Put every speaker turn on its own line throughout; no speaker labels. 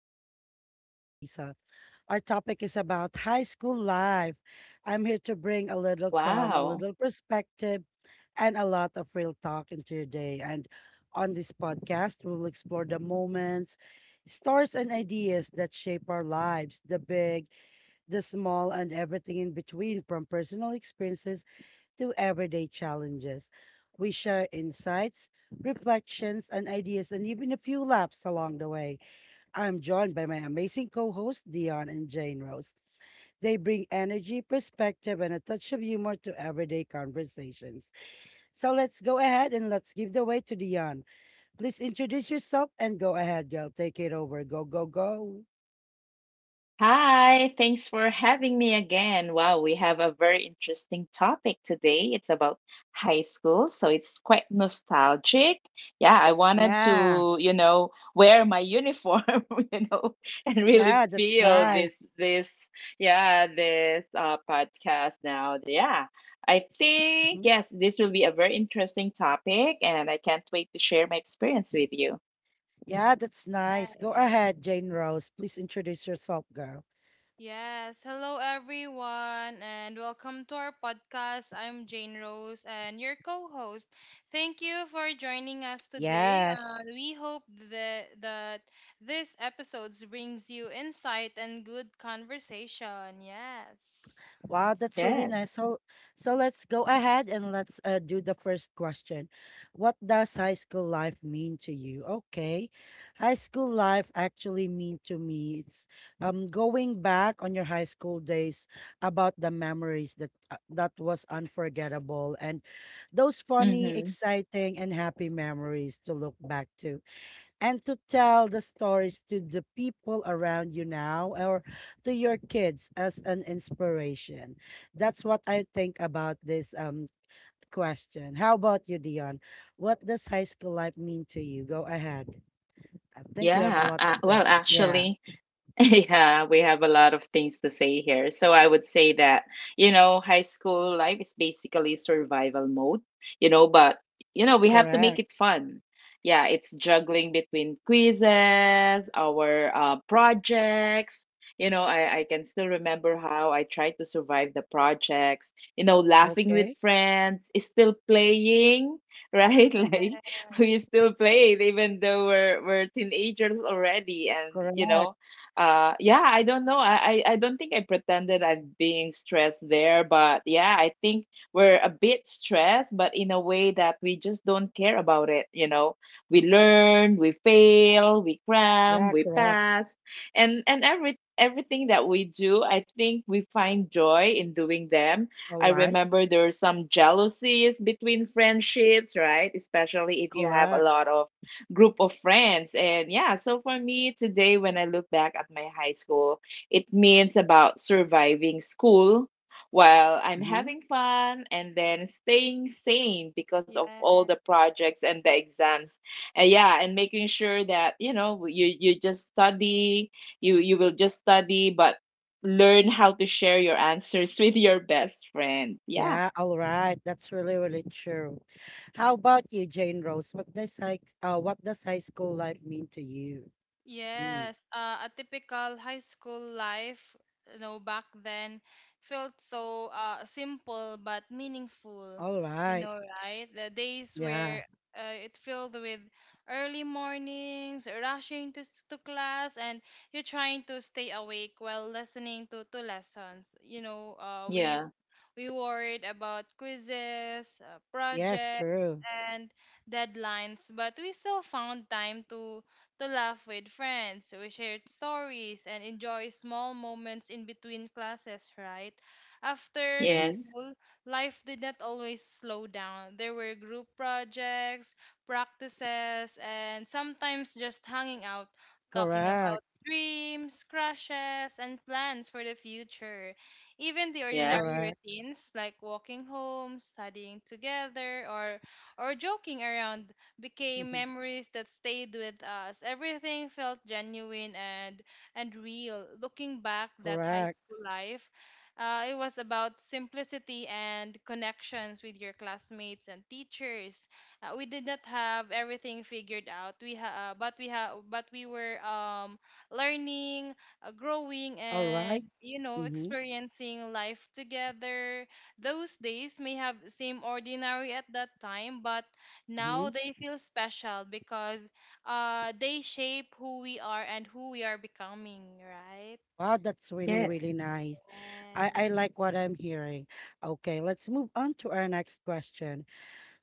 Reflections with Lisa. Our topic is about high school life. I'm here to bring a little calm, a
Wow.
little perspective, and a lot of real talk into your day. And on this podcast, we'll explore the moments, stories, and ideas that shape our lives, the big, the small, and everything in between, from personal experiences to everyday challenges. We share insights, reflections, and ideas, and even a few laughs along the way. I'm joined by my amazing co hosts, Dion and Jane Rose. They bring energy, perspective, and a touch of humor to everyday conversations. So let's go ahead and let's give the way to Dion. Please introduce yourself and go ahead, girl. Take it over. Go, go, go.
Hi, thanks for having me again. Wow, we have a very interesting topic today. It's about high school, so it's quite nostalgic. Yeah, I wanted
Yeah.
to, wear my uniform, you know, and really
Yeah, that's
Yes.
feel
nice.
this yeah, this podcast now. Yeah. I think
Mhm.
yes, this will be a very interesting topic and I can't wait to share my experience with you.
Yeah, that's nice. Go
Right.
ahead, Jane Rose. Please introduce yourself, girl.
Yes. Hello, everyone, and welcome to our podcast. I'm Jane Rose and your co host. Thank you for joining us today.
Yes.
We hope that this episode brings you insight and good conversation. Yes.
Wow,
Let's
that's
Yes.
really
go.
nice. So, so let's go ahead and let's do the first question. What does high school life mean to you? Okay. High school life actually mean to me, it's going back on your high school days, about the memories that that was unforgettable, and those funny,
Mhm.
exciting and happy memories to look back to, and to tell the stories to the people around you now or to your kids as an inspiration. That's what I think about this question. How about you, Dion? What does high school life mean to you? Go ahead. I think we have a
Yeah,
lot to
well,
tell. Yeah,
actually, yeah, we have a lot of things to say here. So I would say that, you know, high school life is basically survival mode, you know, but, you know, we have to make
correct.
it fun. Yeah, it's juggling between quizzes, our projects. I can still remember how I tried to survive the projects, you know, laughing with
Okay.
friends, is still playing,
Yes.
right?
Mm-hmm.
Like, we still played even though we're teenagers already. And you
Correct.
know yeah I don't know I don't think I pretended I'm being stressed there, but yeah, I think we're a bit stressed but in a way that we just don't care about it, you know. We learn, we fail, we cram,
Yeah,
we
correct.
pass. And everything that we do, I think we find joy in doing them.
All
I
right.
remember there are some jealousies between friendships, right, especially if you have a
Correct.
lot of group of friends. And yeah, so for me today, when I look back at my high school, it means about surviving school while I'm
Mm-hmm.
having fun and then staying sane because of all
Yes.
the projects and the exams. And yeah, and making sure that, you just study, you will just study, but learn how to share your answers with your best friend. Yeah.
Yeah, all right. That's really, really true. How about you, Jane Rose? What does high school life mean to you? Mm.
Yes, a typical high school life, you know, back then felt so simple but meaningful,
All
you
right.
know, right? The days
Yeah.
where it filled with early mornings, rushing to, to class, and you trying to stay awake while listening to lessons. You know, we
Yeah.
we worried about quizzes,
Yes,
projects
true.
and deadlines, but we still found time to laugh with friends. We shared stories and enjoy small moments in between classes, right? After
Mm-hmm.
Yes.
school, life did not always slow down. There were group projects, practices, and sometimes just hanging out, talking
Correct.
about dreams, crushes, and plans for the future. Even the
Yep.
ordinary
Correct.
routines like walking home, studying together, or joking around became memories that stayed with us. Everything felt genuine and real. Looking back, that high
Correct.
school life, it was about simplicity and connections with your classmates and teachers. We did not have everything figured out. We ha- but we ha- but we were learning, growing,
All right.
and you know
Mm-hmm.
experiencing life together. Those days may have seemed ordinary at that time, but
Mm-hmm.
now they feel special because they shape who we are and who we are becoming, right?
Wow, that's really, really
Yes.
nice. I
Yes,
like what I'm hearing. Okay, let's move on to our next question.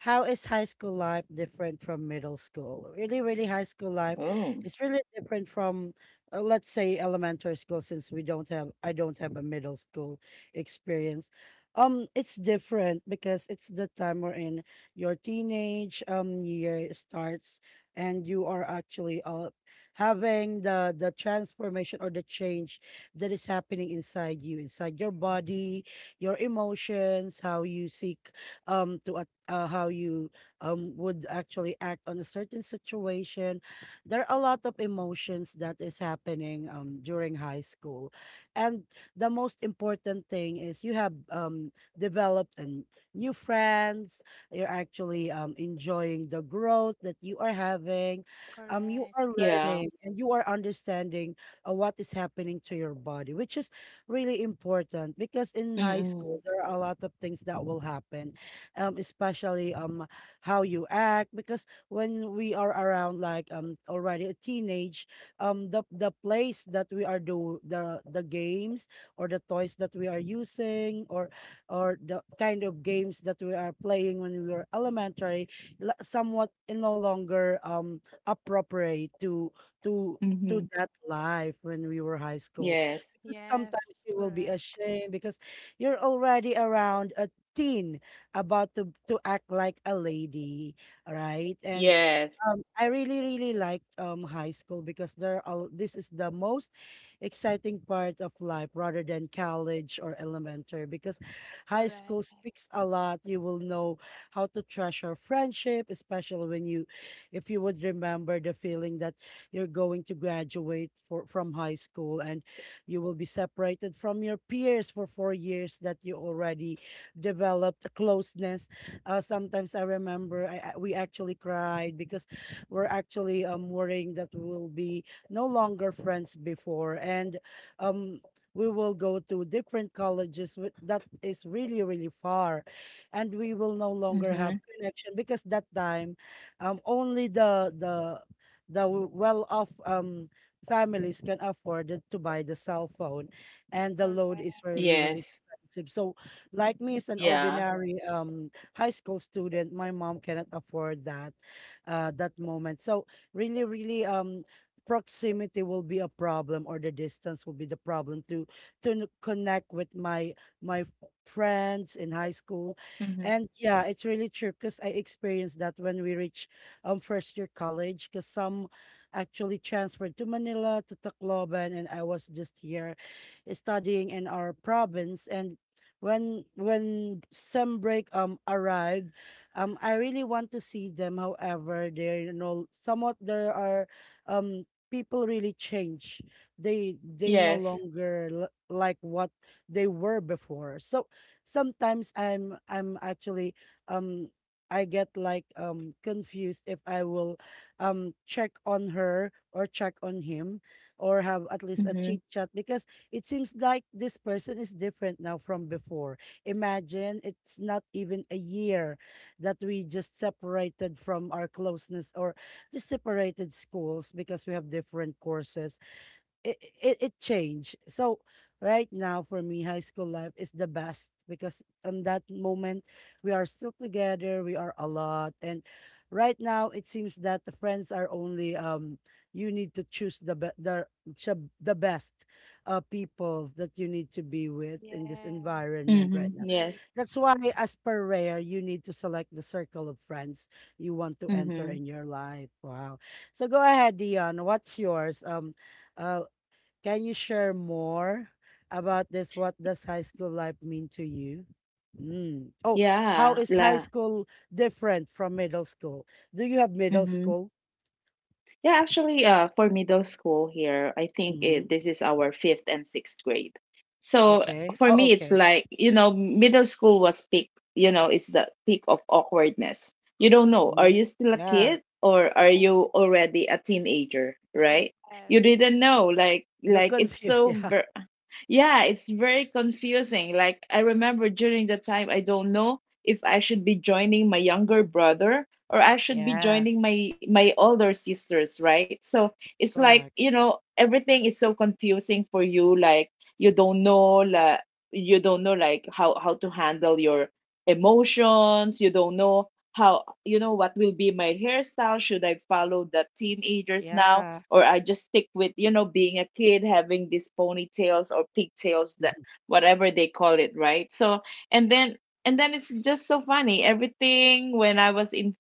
How is high school life different from middle school? Really, really, high school life
Oh.
is really different from, let's say, elementary school, since we don't have, I don't have a middle school experience. It's different because it's the time we're in, your teenage year starts, and you are actually having the transformation or the change that is happening inside you, inside your body, your emotions, how you seek to how you would actually act on a certain situation. There are a lot of emotions that is happening during high school. And the most important thing is you have developed and new friends, you're actually enjoying the growth that you are having. Um, you are
correct.
Yeah.
learning and you are understanding what is happening to your body, which is really important, because in high school
Mm-mm.
there are a lot of things that will happen, especially how you act, because when we are around like already a teenage, the place that we are do the games or the toys that we are using or the kind of games that we are playing when we were elementary somewhat no longer appropriate to to
Mm-hmm.
that life when we were high school,
Yes.
because
Yes,
sometimes you will be
correct.
ashamed because you're already around a teen, about to act like a lady, right? And
Yes.
I really, really liked high school, because there are, this is the most exciting part of life rather than college or elementary, because high school
Correct.
speaks a lot. You will know how to treasure friendship, especially when you, if you would remember the feeling that you're going to graduate for, from high school, and you will be separated from your peers for 4 years, that you already developed a closeness. Sometimes I remember we actually cried because we're actually worrying that we will be no longer friends before, and um we will go to different colleges that is really really far, and we will no longer
Mm-hmm.
have connection because that time, only the the well off families can afford it to buy the cell phone, and the load is
Correct.
really really
Yes.
expensive. So like me, as an
Yeah.
ordinary high school student, my mom cannot afford that that moment. So really, really, proximity will be a problem, or the distance will be the problem to connect with my friends in high school,
Mm-hmm.
and yeah, it's really true, because I experienced that when we reach first year college, because some actually transferred to Manila to Tacloban, and I was just here studying in our province, and when sem break arrived, I really want to see them. However, they're, you know, somewhat there are people really change. They no
Yes.
longer like what they were before. So sometimes I'm actually, um, I get like confused if I will check on her or check on him, or have at least a
Mm-hmm.
chit chat, because it seems like this person is different now from before. Imagine it's not even a year that we just separated from our closeness, or just separated schools because we have different courses, it changed. So right now for me, high school life is the best, because on that moment we are still together, we are a lot, and right now it seems that the friends are only, um, you need to choose the the best people that you need to be with in this
Yes.
environment
Mm-hmm.
right now.
Yes.
Yes.
That's why as per rare you need to select the circle of friends you want to enter
Mm-hmm.
in your life. Wow. So go ahead, Dion. What's yours? Uh, can you share more about this? What does high school life mean to you? Mm. Oh, how
Yeah.
is high
La.
school different from middle school? Do you have middle
Mm-hmm.
school?
Yeah, actually, for middle school here, I think
Mm-hmm.
this is our fifth and sixth grade. So
Okay.
for
Oh,
me, it's
okay.
like, you know, middle school was peak, you know, it's the peak of awkwardness. You don't know, are
Mm-hmm.
you still a
Yeah.
kid or are you already a teenager, right? You
Yes.
didn't know,
You're
it's
confused.
so
Yeah.
ver yeah, it's very confusing. Like, I remember during the time, I don't know if I should be joining my younger brother or I should be
Yeah.
joining my older sisters, right? So it's like,
Correct.
you know, everything is so confusing for you. You don't know, like, you don't know, like, how to handle your emotions. You don't know how, you know, what will be my hairstyle? Should I follow the teenagers now?
Yeah.
Or I just stick with, you know, being a kid, having these ponytails or pigtails that whatever they call it, right? So and then and then it's just so funny. Everything when I was in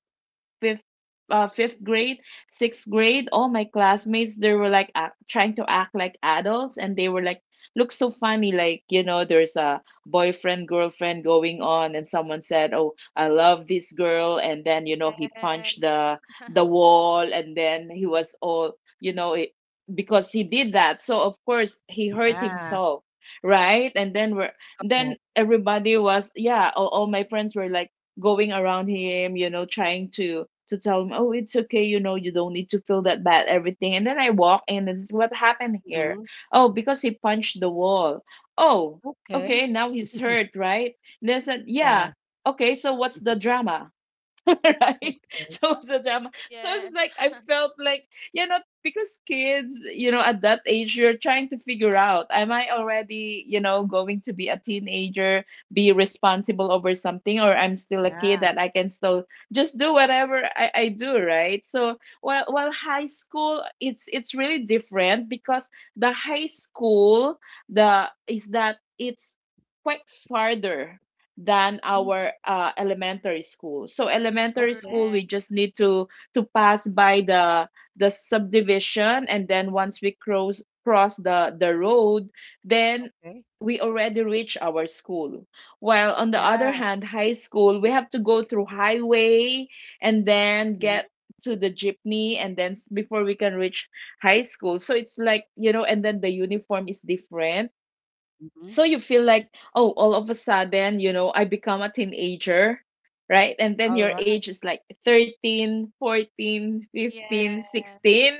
fifth fifth grade, sixth grade, all my classmates they were like trying to act like adults, and they were like look so funny, like, you know, there's a boyfriend girlfriend going on and someone said, oh, I love this girl, and then, you know, he
Yes.
punched the wall, and then he was all, you know it, because he did that, so of course he hurt
Yeah.
himself, right. And then everybody was yeah, all my friends were like going around him, you know, trying to tell him, "Oh, it's okay, you know, you don't need to feel that bad, everything." And then I walk in, and this is what happened here.
Mm-hmm.
Oh, because he punched the wall. Oh,
Okay.
okay, now he's hurt, right? And they said,
Yeah.
"Yeah, okay, so what's the drama?" right?
Okay.
So it was a drama. So I was
Yes.
like, I felt like, you know, because kids, you know, at that age, you're trying to figure out, am I already, you know, going to be a teenager, be responsible over something, or I'm still a kid
Yeah.
that I can still just do whatever I do, right? So while high school, it's really different because the high school, the is that it's quite farther than
Mm.
our elementary school. So elementary
Okay.
school,
Correct.
we just need to pass by the subdivision, and then once we cross the road, then
Okay.
we already reach our school. While on the
Yeah.
other hand, high school, we have to go through highway and then
Mm-hmm.
get to the jeepney and then before we can reach high school. So it's like, you know, and then the uniform is different,
Mm-hmm.
so you feel like, oh, all of a sudden, you know, I become a teenager, right. And then
All
your
right.
age is like 13, 14,
Yes.
15, 16,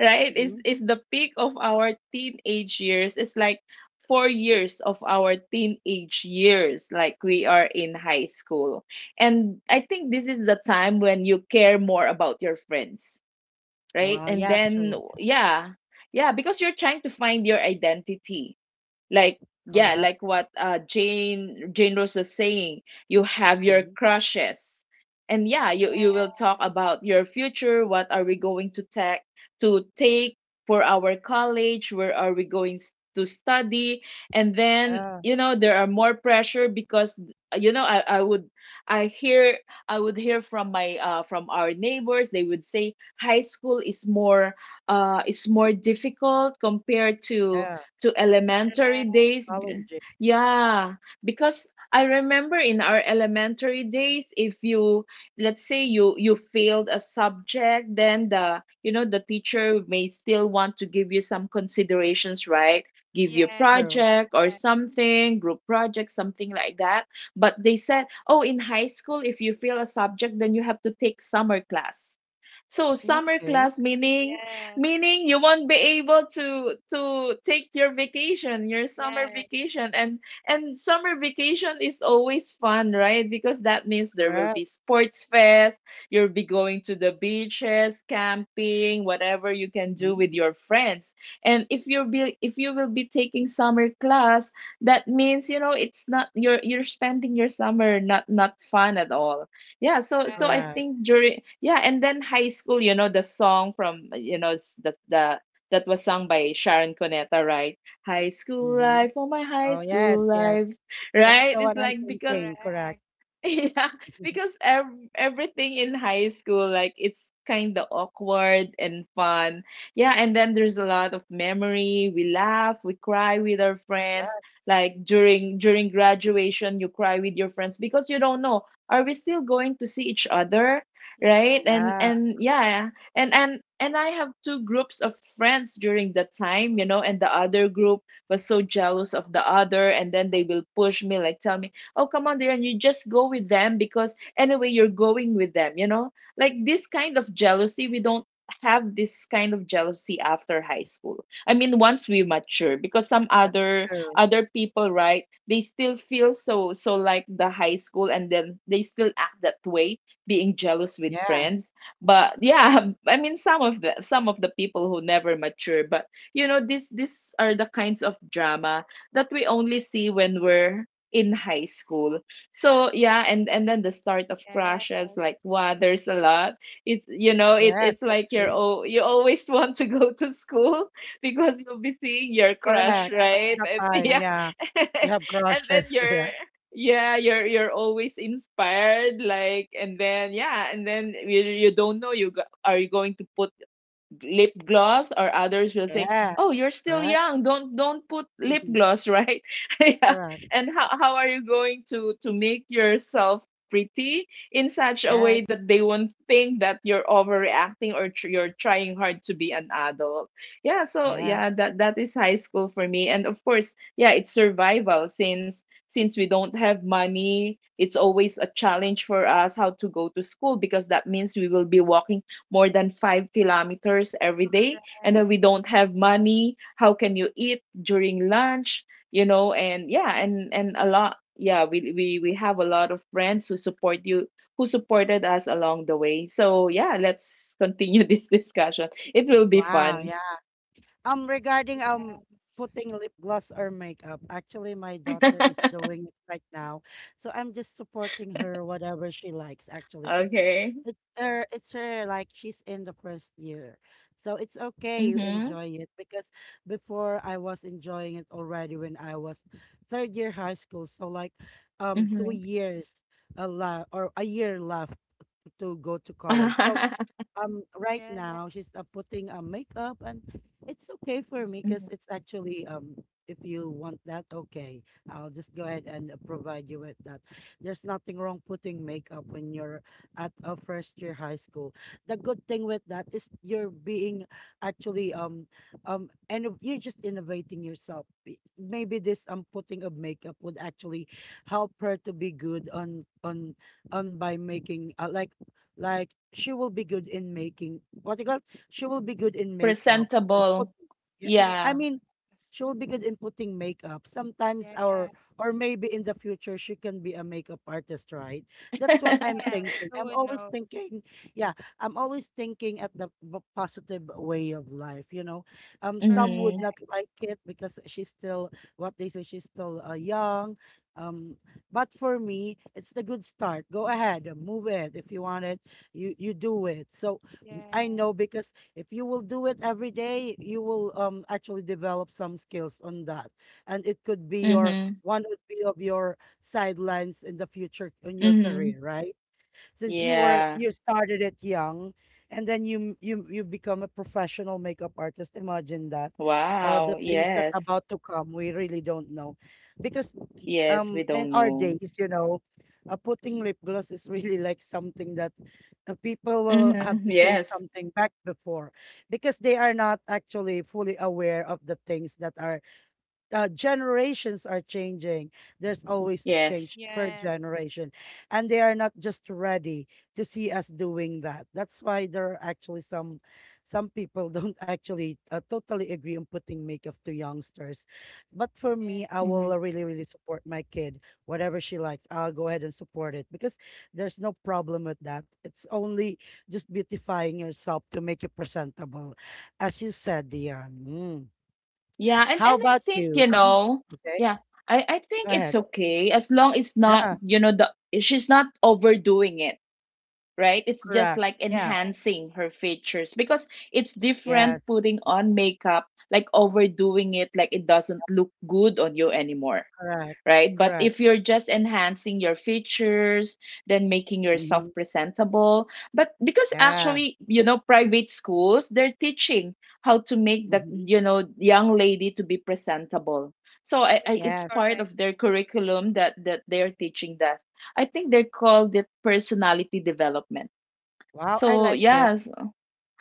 right, is
Mhm.
is the peak of our teenage years. It's like 4 years of our teenage years, like we are in high school. And I think this is the time when you care more about your friends, right?
Wow.
And
Yeah.
then
True.
yeah, yeah, because you're trying to find your identity. Like yeah,
Correct.
like what Jane Rose was saying, you have your
Mhm.
crushes. And yeah, you
Yes.
will talk about your future, what are we going to take for our college, where are we going to study? And then,
Yeah,
you know, there are more pressure because, you know, I, I would I hear I would hear from my from our neighbors. They would say, high school is more difficult compared
yeah.
to elementary
Correct.
days.
Challenging.
Yeah, because I remember in our elementary days, if you, let's say you failed a subject, then the you know the teacher may still want to give you some considerations, right, give you
Yes.
True.
project or something, group project, something like that. But they said, oh, in high school, if you fail a subject, then you have to take summer class. So summer
Okay.
class meaning
Yes.
meaning you won't be able to take your vacation, your summer
Yes.
vacation. And summer vacation is always fun, right? Because that means there will
Correct.
be sports fest, you'll be going to the beaches, camping, whatever you can do
Mhm.
with your friends. And if you will be taking summer class, that means, you know, it's not, you're spending your summer not fun at all. Yeah, so so I
Correct.
Correct.
think during yeah, and then high school, you know, the song from, the that was sung by Sharon Cuneta, right? High school
Hmm.
life, oh my high
Oh, yes,
school
yes.
life,
Yes.
That's
right?
the
It's
one I'm
like because
thinking. Correct.
Correct.
yeah, because ev everything in high school, like it's kind of awkward and fun. Yeah, and then there's a lot of memory. We laugh, we cry with our friends.
Yes.
Like during graduation, you cry with your friends because you don't know, are we still going to see each other?
Yeah.
Right?
Yeah,
And yeah, and I have two groups of friends during that time, you know, and the other group was so jealous of the other, and then they will push me, like tell me, oh come on, there you just go with them because anyway you're going with them, you know, like this kind of jealousy. We don't have this kind of jealousy after high school, I mean once we mature, because some
that's true.
other people, right, they still feel so so like the high school, and then they still act that way, being jealous with
Yeah.
friends. But yeah, I mean some of the people who never mature. But you know, this these are the kinds of drama that we only see when we're in high school. So yeah, and then the start of crushes, like
Yes.
wow, there's a lot. It's, you know, it
Yes,
it's
that's
like you're,
true.
oh, you always want to go to school because you'll be seeing your crush,
Correct.
Correct. That's
right?
the
And
time.
yeah,
Yeah. You have
and then
crushes.
you're
Yeah.
yeah you're always inspired. Like and then yeah and then you don't know you go, are you going to put lip gloss or others will say,
Yeah.
oh you're still
Correct.
young, don't put lip gloss, right? Yeah.
Correct.
And how are you going to make yourself pretty in such a way
Yes.
that they won't think that you're overreacting or you're trying hard to be an adult. Yeah, so
Yes.
yeah, that is high school for me. And of course, yeah, it's survival. Since we don't have money, it's always a challenge for us how to go to school, because that means we will be walking more than 5 kilometers every day. And then we don't have money, how can you eat during lunch, you know? And yeah, and a lot yeah, we have a lot of friends who support you, who supported us along the way. So yeah, let's continue this discussion, it will be
Wow.
fun.
Yeah. Regarding
Yes.
putting lip gloss or makeup, actually my daughter is doing it right now. So I'm just supporting her whatever she likes actually, because
Okay.
it's her, like she's in the first year. So it's okay, you
Mm-hmm,
enjoy it, because before I was enjoying it already when I was third year high school. So like, um, two
mm-hmm.
years a la, or a year left to go to college. So, um, right
Yeah.
now she's putting a makeup, and it's okay for me, because
Mhm.
it's actually um, if you want that, okay, I'll just go ahead and provide you with that. There's nothing wrong putting makeup when you're at a first year high school. The good thing with that is you're being actually, um, um, and you're just innovating yourself. Maybe this putting of makeup would actually help her to be good on on by making like she will be good in making what you call, she will be good in makeup and put,
Presentable.
yeah, it-
Yeah.
I
Yeah.
mean she will be good in putting makeup. Sometimes,
Yeah.
or maybe in the future she can be a makeup artist, right? That's what I'm
Yes.
thinking. I'm
Who
always
knows?
thinking, yeah, I'm always thinking at the positive way of life, you know. Um,
Correct.
some would
Mm-hmm.
not like it because she's still what they say, she's still young. Um, but for me, it's the good start. Go ahead, move it if you want it, you do it. So I
Yeah.
know, because if you will do it every day you will, um, actually develop some skills on that, and it could be your
Mm-hmm.
one, would be of your sidelines in the future in your
Mm-hmm.
career, right? Since
Yeah.
you were,
Yeah.
you started it young, and then you you, you become a professional makeup artist. Imagine that. The
Wow,
things that
yes.
about to come we really don't know, because
Yes, we
in
don't
our
know.
days, you know, putting lip gloss is really like something that, people will have
Mm-hmm.
to say
Yes.
something back before, because they are not actually fully aware of the things that are, generations are changing. There's always a
Yes.
change per
Yes.
generation. And they are not just ready to see us doing that. That's why there are actually some people don't actually totally agree on putting makeup to youngsters. But for
Yeah.
me, I
Mm-hmm.
will really, really support my kid. Whatever she likes, I'll go ahead and support it because there's no problem with that. It's only just beautifying yourself to make you presentable. As you said, Dion. Mm.
Yeah, and
How
I
about
think,
you?
you
Um,
know,
okay,
yeah, I
go
think it's
ahead.
okay as long it's not,
Yeah,
you know, the she's not overdoing it, right? It's just
correct.
like
Yeah,
Yes.
enhancing her features, because it's different
yes,
putting on makeup, like overdoing it, like it doesn't look good on you anymore.
correct,
Right? But
correct.
if you're just enhancing your features, then making yourself
Hmm.
presentable, but because
Yeah,
actually, you know, private schools, they're teaching how to make the,
hmm,
you know, young lady to be presentable. So
Yes.
it's
yes.
part
Correct.
of their curriculum that they're teaching that. I think they called it personality development.
Wow, I
So
like it.
yes,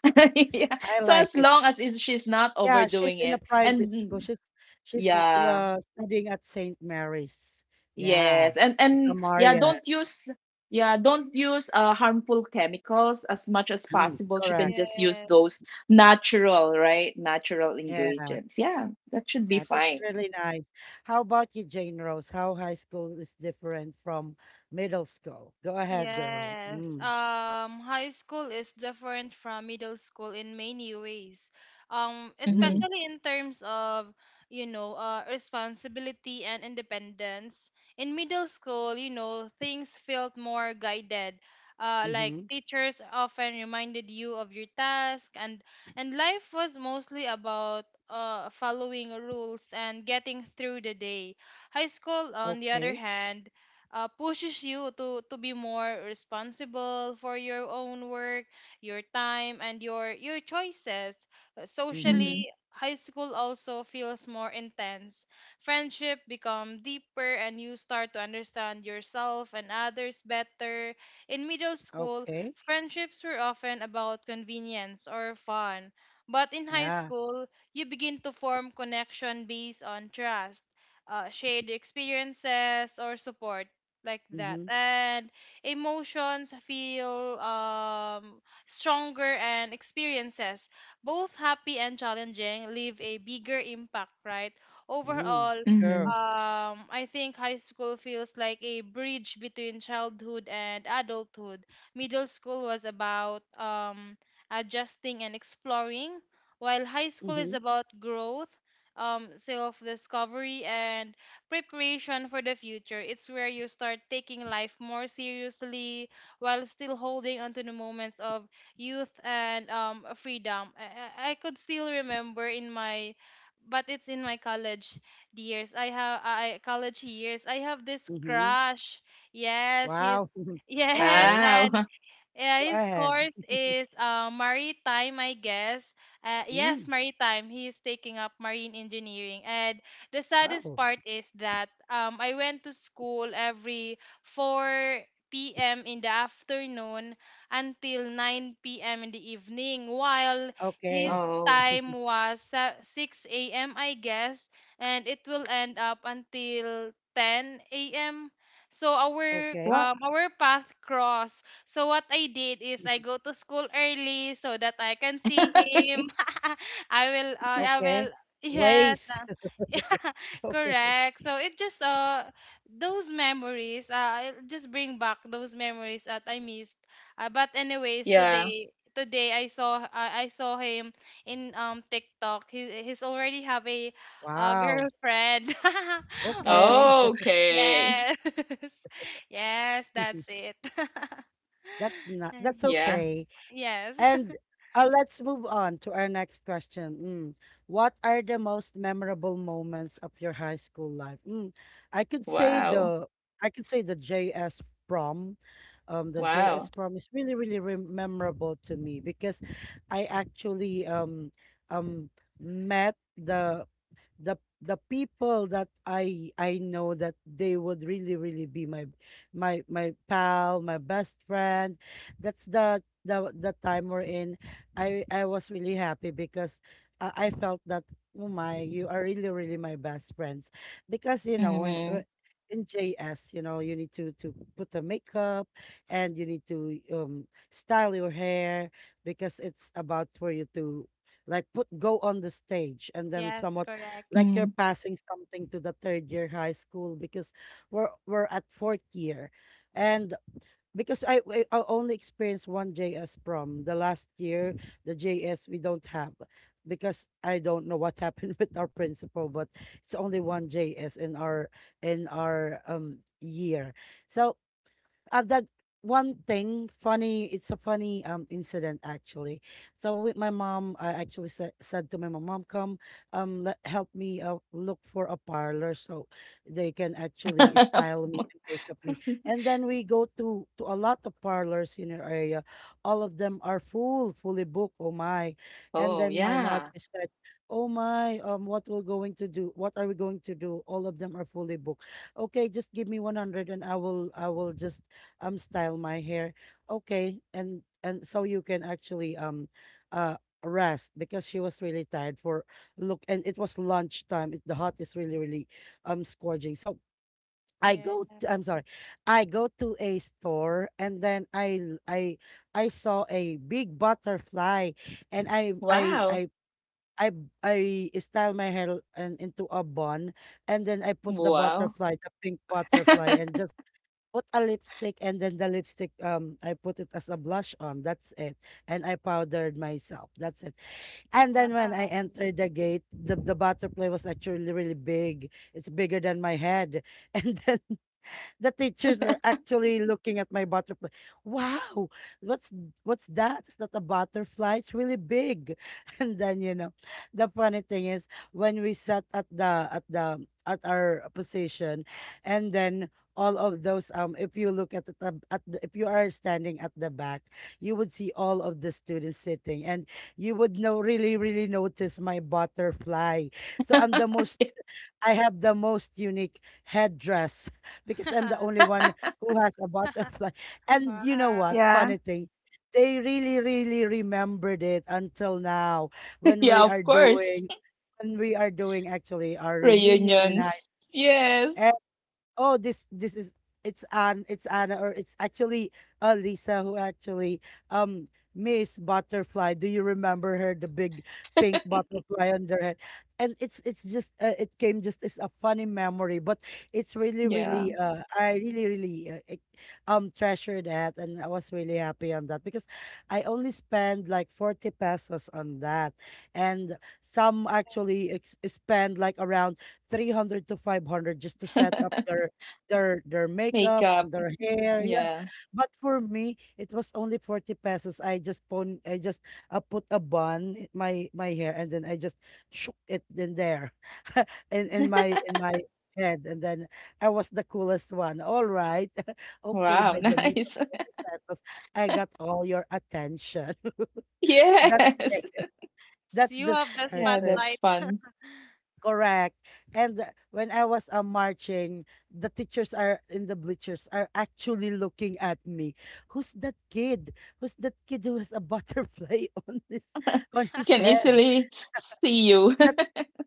yeah.
I
So
like
as
it.
long as is she's not
Yeah, she's
overdoing
in a
it, and
private
mm,
school. She's she's
yeah.
uh, studying at Saint Mary's. Yeah,
Yes, and
she's a Marian.
yeah, don't use harmful chemicals as much as
Mm,
possible. She can
correct.
just use
Yes.
those natural, right? Natural
Yeah,
ingredients. Yeah, that should be
yeah, that's
fine.
really nice. How about you, Jane Rose? How high school is different from middle school? Go ahead, girl.
Yes.
Mm,
High school is different from middle school in many ways.
Mm-hmm.
mm,
Especially in terms of, you know, responsibility and independence. In middle school, you know, things felt more guided. Like
mm-hmm.
teachers often reminded you of your task and life was mostly about following rules and getting through the day. High school, on the other
Okay.
hand, pushes you to be more responsible for your own work, your time, and your choices.
Mm-hmm.
Mm-hmm.
Socially, high school also feels more intense. Friendship become deeper, and you start to understand yourself and others better. In middle school,
Okay.
friendships were often about convenience or fun. But in high
Yeah.
school, you begin to form connection based on trust, shared experiences, or support like that,
Mm-hmm.
and emotions feel stronger, and experiences both happy and challenging leave a bigger impact, right?
Mm-hmm.
Overall,
Mm-hmm.
Sure.
I think high school feels like a bridge between childhood and adulthood. Middle school was about adjusting and exploring, while high school is
Mm-hmm.
about growth, self discovery, and preparation for the future. It's where you start taking life more seriously while still holding onto the moments of youth and freedom. I could still remember in my, but it's in my college years. I have I college years, I have this
Mm-hmm.
crush. Yes, he's
Wow.
yes,
Okay.
and
Ah,
yeah,
Go
his
ahead.
course is maritime, I guess.
Mm.
Yes, maritime. He's taking up marine engineering. And the saddest
Wow.
part is that I went to school every 4 p.m. in the afternoon until 9 p.m. in the evening, while his
Okay.
oh,
time was 6 a.m., I guess. And it will end up until 10 a.m. So
Okay.
what?
our path cross, so what I did is I go to school early so that I can see him. I will
Okay.
yes.
Ways. Okay.
Correct. So it just those memories, it just bring back those memories that I missed. But anyways,
Yeah.
today I saw, I saw him in TikTok. He's already have a
Wow.
girlfriend.
Okay.
Oh, okay.
Yes. Yes, that's it.
That's not, that's
Yeah.
okay.
Yes.
And let's move on to our next question. Mm. What are the most memorable moments of your high school life? Mm. I could say
Wow.
the JS prom. The JS
Wow.
prom is really really re memorable to me because I actually um met the people that I know that they would really really be my pal, my best friend. That's the time we're in. I was really happy because I felt that, oh my, you are really really my best friends, because when
Mm-hmm.
in JS, you need to put the makeup, and you need to style your hair because it's about for you to like put go on the stage and then
Yes,
somewhat
correct.
like you're
Mm-hmm.
passing something to the third year high school because we're at fourth year. And because I only experienced one JS prom the last year, the JS we don't have because I don't know what happened with our principal, but it's only one JS in our year. So, that one thing funny, it's a funny incident actually. So with my mom, I actually said to my mom, mom, come, help me, look for a parlor so they can actually style me and make up me. And then we go to a lot of parlors in our area. All of them are fully booked. Oh my. And
Oh,
then my mother
yeah.
said, oh my, what are we going to do, all of them are fully booked. Okay, just give me 100 and I will just style my hair. Okay. And so you can actually uh rest, because she was really tired for look. And it was lunchtime, the hot is really really scorching. So, I
Yeah.
go to, I'm sorry, I go to a store, and then I l- I saw a big butterfly, and
Wow.
I I style my hair and into a bun. And then I put
Wow.
the pink butterfly and just put a lipstick. And then the lipstick, I put it as a blush on. That's it. And I powdered myself. That's it. And then when I
Wow.
entered the gate, the butterfly was actually really big. It's bigger than my head. And then the teachers are actually looking at my butterfly. Wow, what's what's that? Is that a butterfly? It's really big. And then, the funny thing is, when we sat at our position, and then all of those, if you look at the if you are standing at the back, you would see all of the students sitting, and you would know really really notice my butterfly. So I have the most unique headdress because I'm the only one who has a butterfly. And you know what?
Wow.
Yeah.
Funny thing, they really, really remembered it until now when
Yeah,
we are
of course.
doing, actually, our reunion in high.
Reunions. Yes.
Oh, this is it's Anne, it's Anna, or it's actually Lisa who actually, um Miss Butterfly. Do you remember her? The big pink butterfly on her head. And it came just as a funny memory, but it's really
Yeah.
really I really really treasure that. And I was really happy on that because I only spend like 40 pesos on that. And some
Yes.
actually spend like around 300 to 500 just to set up their makeup
Makeup.
and their hair. Yeah.
Yeah.
But for me, it was only 40 pesos. I just put a bun in my hair, and then I just shook it in there, in my head, and then I was the coolest one. All right. Okay,
Wow,
by the means of
nice.
the pesos, I got all your attention. That's
Yes.
it. That's
You
the
have the
start.
Yeah,
spotlight.
that's fun.
Correct. And when I was marching, the teachers are in the bleachers are actually looking at me. Who's that kid? Who's that kid who has a butterfly on his
Can
head?
easily see you.
That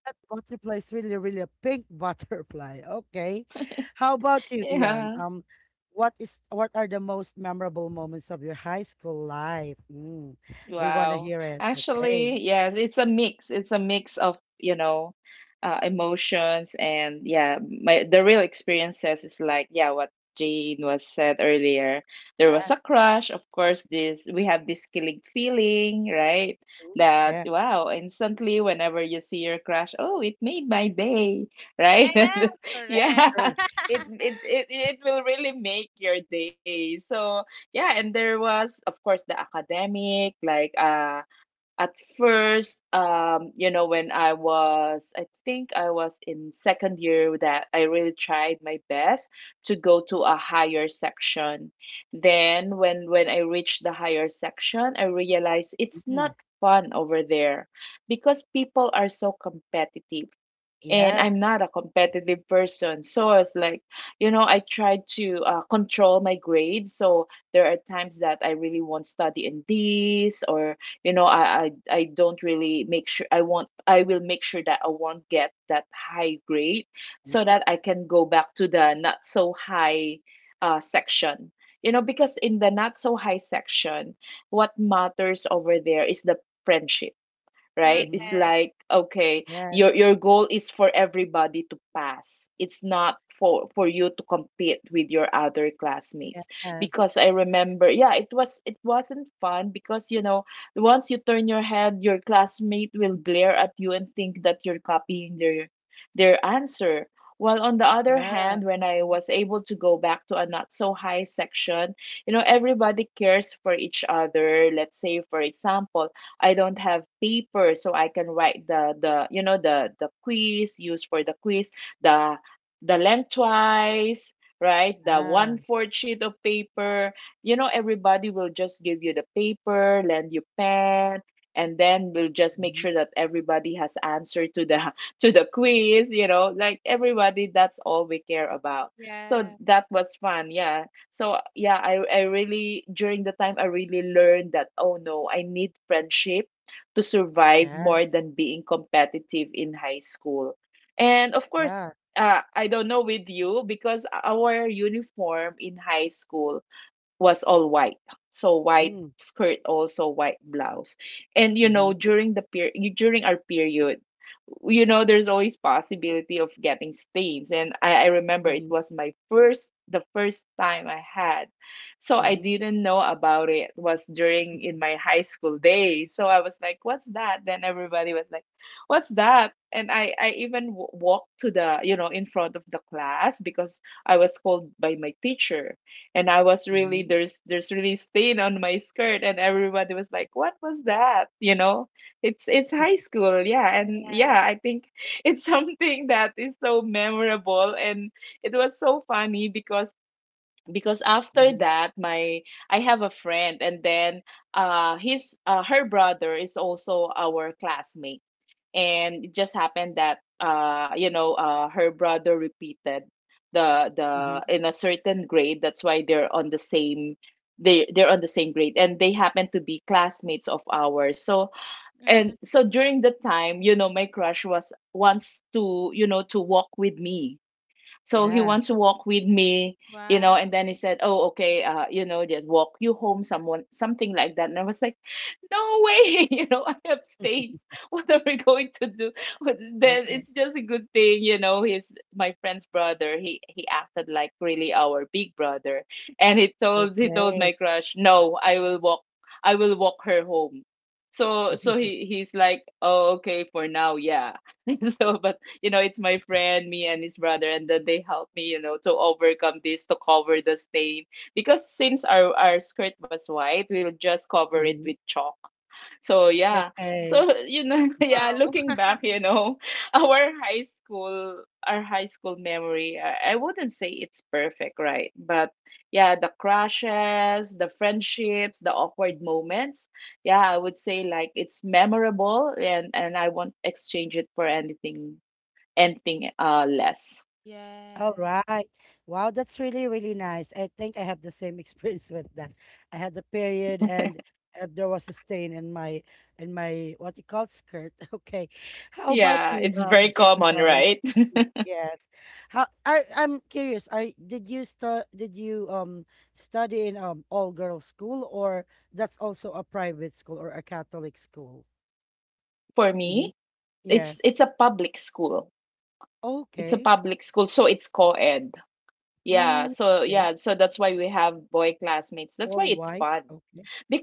that butterfly is really, really a pink butterfly. Okay. How about you, Dion?
Yeah.
What is what are the most memorable moments of your high school life? Mm, we want to
Wow.
hear it. Okay.
Actually, yes, it's a mix. It's a mix of, you know, emotions. And yeah, my the real experiences is like, yeah, what Jane was said earlier. There was a
Yes.
crush, of course, this we have this killing feeling, right?
Mm,
That
yeah.
wow, instantly whenever you see your crush, oh, it made my day,
Yes,
right?
Yes,
correct.
Yeah.
true.
It it it it will really make your day. So yeah, and there was, of course, the academic. Like, at first, you know, when I was, I think I was in second year that I really tried my best to go to a higher section. Then, when I reached the higher section, I realized it's
Mhm.
not fun over there because people are so competitive
Yeah,
and
Yes.
I'm not a competitive person. So it's like, you know, I tried to control my grades. So there are times that I really won't study in this, or you know, I don't really make sure I won't. I will make sure that I won't get that high grade, so
Mm.
that I can go back to the not so high section. You know, because in the not so high section, what matters over there is the friendship, right? It's
Mhm.
correct.
like okay,
Yes,
your goal is for everybody to pass. It's not for you to compete with your other classmates
yes.
because I remember, yeah, it was it wasn't fun because you know once you turn your head, your classmate will glare at you and think that you're copying their answer. While on the other
Yeah,
hand, when I was able to go back to a not so high section, you know, everybody cares for each other. Let's say, for example, I don't have paper, so I can write the you know the quiz used for the quiz, the the lengthwise, right? The
yeah.
one fourth sheet of paper. You know, everybody will just give you the paper, lend you pen, and then we'll just make
Mhm.
sure that everybody has answer to the to the quiz. You know, like everybody, that's all we care about. So that
Yes.
was fun. Yeah, so yeah, I really during the time I really learned that oh no, I need friendship to survive more
Yes.
than being competitive in high school. And of course,
Yeah.
I don't know with you because our uniform in high school was all white. So white
Mm.
skirt also white blouse. And you know
Mhm.
during our period you know there's always possibility of getting stains. And I remember it
Mhm.
was my first the first time I had, so I
Mhm.
didn't know about it. It was during in my high school days, so I was like what's that, then everybody was like what's that, and I even walked to the you know in front of the class because I was called by my teacher and I was really
Mhm.
there's really stain on my skirt and everybody was like what was that, you know, it's high school. Yeah, and yeah
Yes.
I think it's something that is so memorable and it was so funny. Because after
Mhm.
that my I have a friend, and then his her brother is also our classmate, and it just happened that you know her brother repeated the
Mhm.
the in a certain grade, that's why they're on the same they're on the same grade and they happen to be classmates of ours. So and
Mm-hmm.
so during the time, you know, my crush was wants to you know to walk with me, so he
Yeah.
wants to walk with me, you know, and
Wow.
then he said, oh, okay, you know, just walk you home, someone, something like that. And I was like, no way, you know, I have stage. What are we going to do? But then
Okay.
it's just a good thing, you know, he's my friend's brother. He acted like really our big brother. And he told
Okay.
my crush, no, I will walk her home. So so he he's like, oh, okay, for now, yeah. So but you know, it's my friend, me and his brother, and then they helped me, you know, to overcome this, to cover the stain. Because since our skirt was white, we'll just cover it with
Mhm.
chalk. So yeah.
Okay.
So, you know, yeah,
Wow.
looking back, you know, our high school memory, I wouldn't say it's perfect, right? But yeah, the crushes, the friendships, the awkward moments. Yeah, I would say like it's memorable and I won't exchange it for anything less.
All
Yes.
right. Wow, that's really, really nice. I think I have the same experience with that. I had the period, and there was a stain in my what you call skirt. Okay. How about
Yeah,
you,
it's very
Jane
common,
Rose?
right?
Mm, yes. How I I'm curious. I did you start did you study in all girls school, or that's also a private school or a Catholic school?
For
Mm-hmm.
me,
Yes.
it's a public school. It's a
Okay.
public school, so it's co-ed. Yeah,
Mm,
so
okay.
yeah, so that's why we have boy classmates. That's why
All
it's
white.
fun.
Okay.
Bec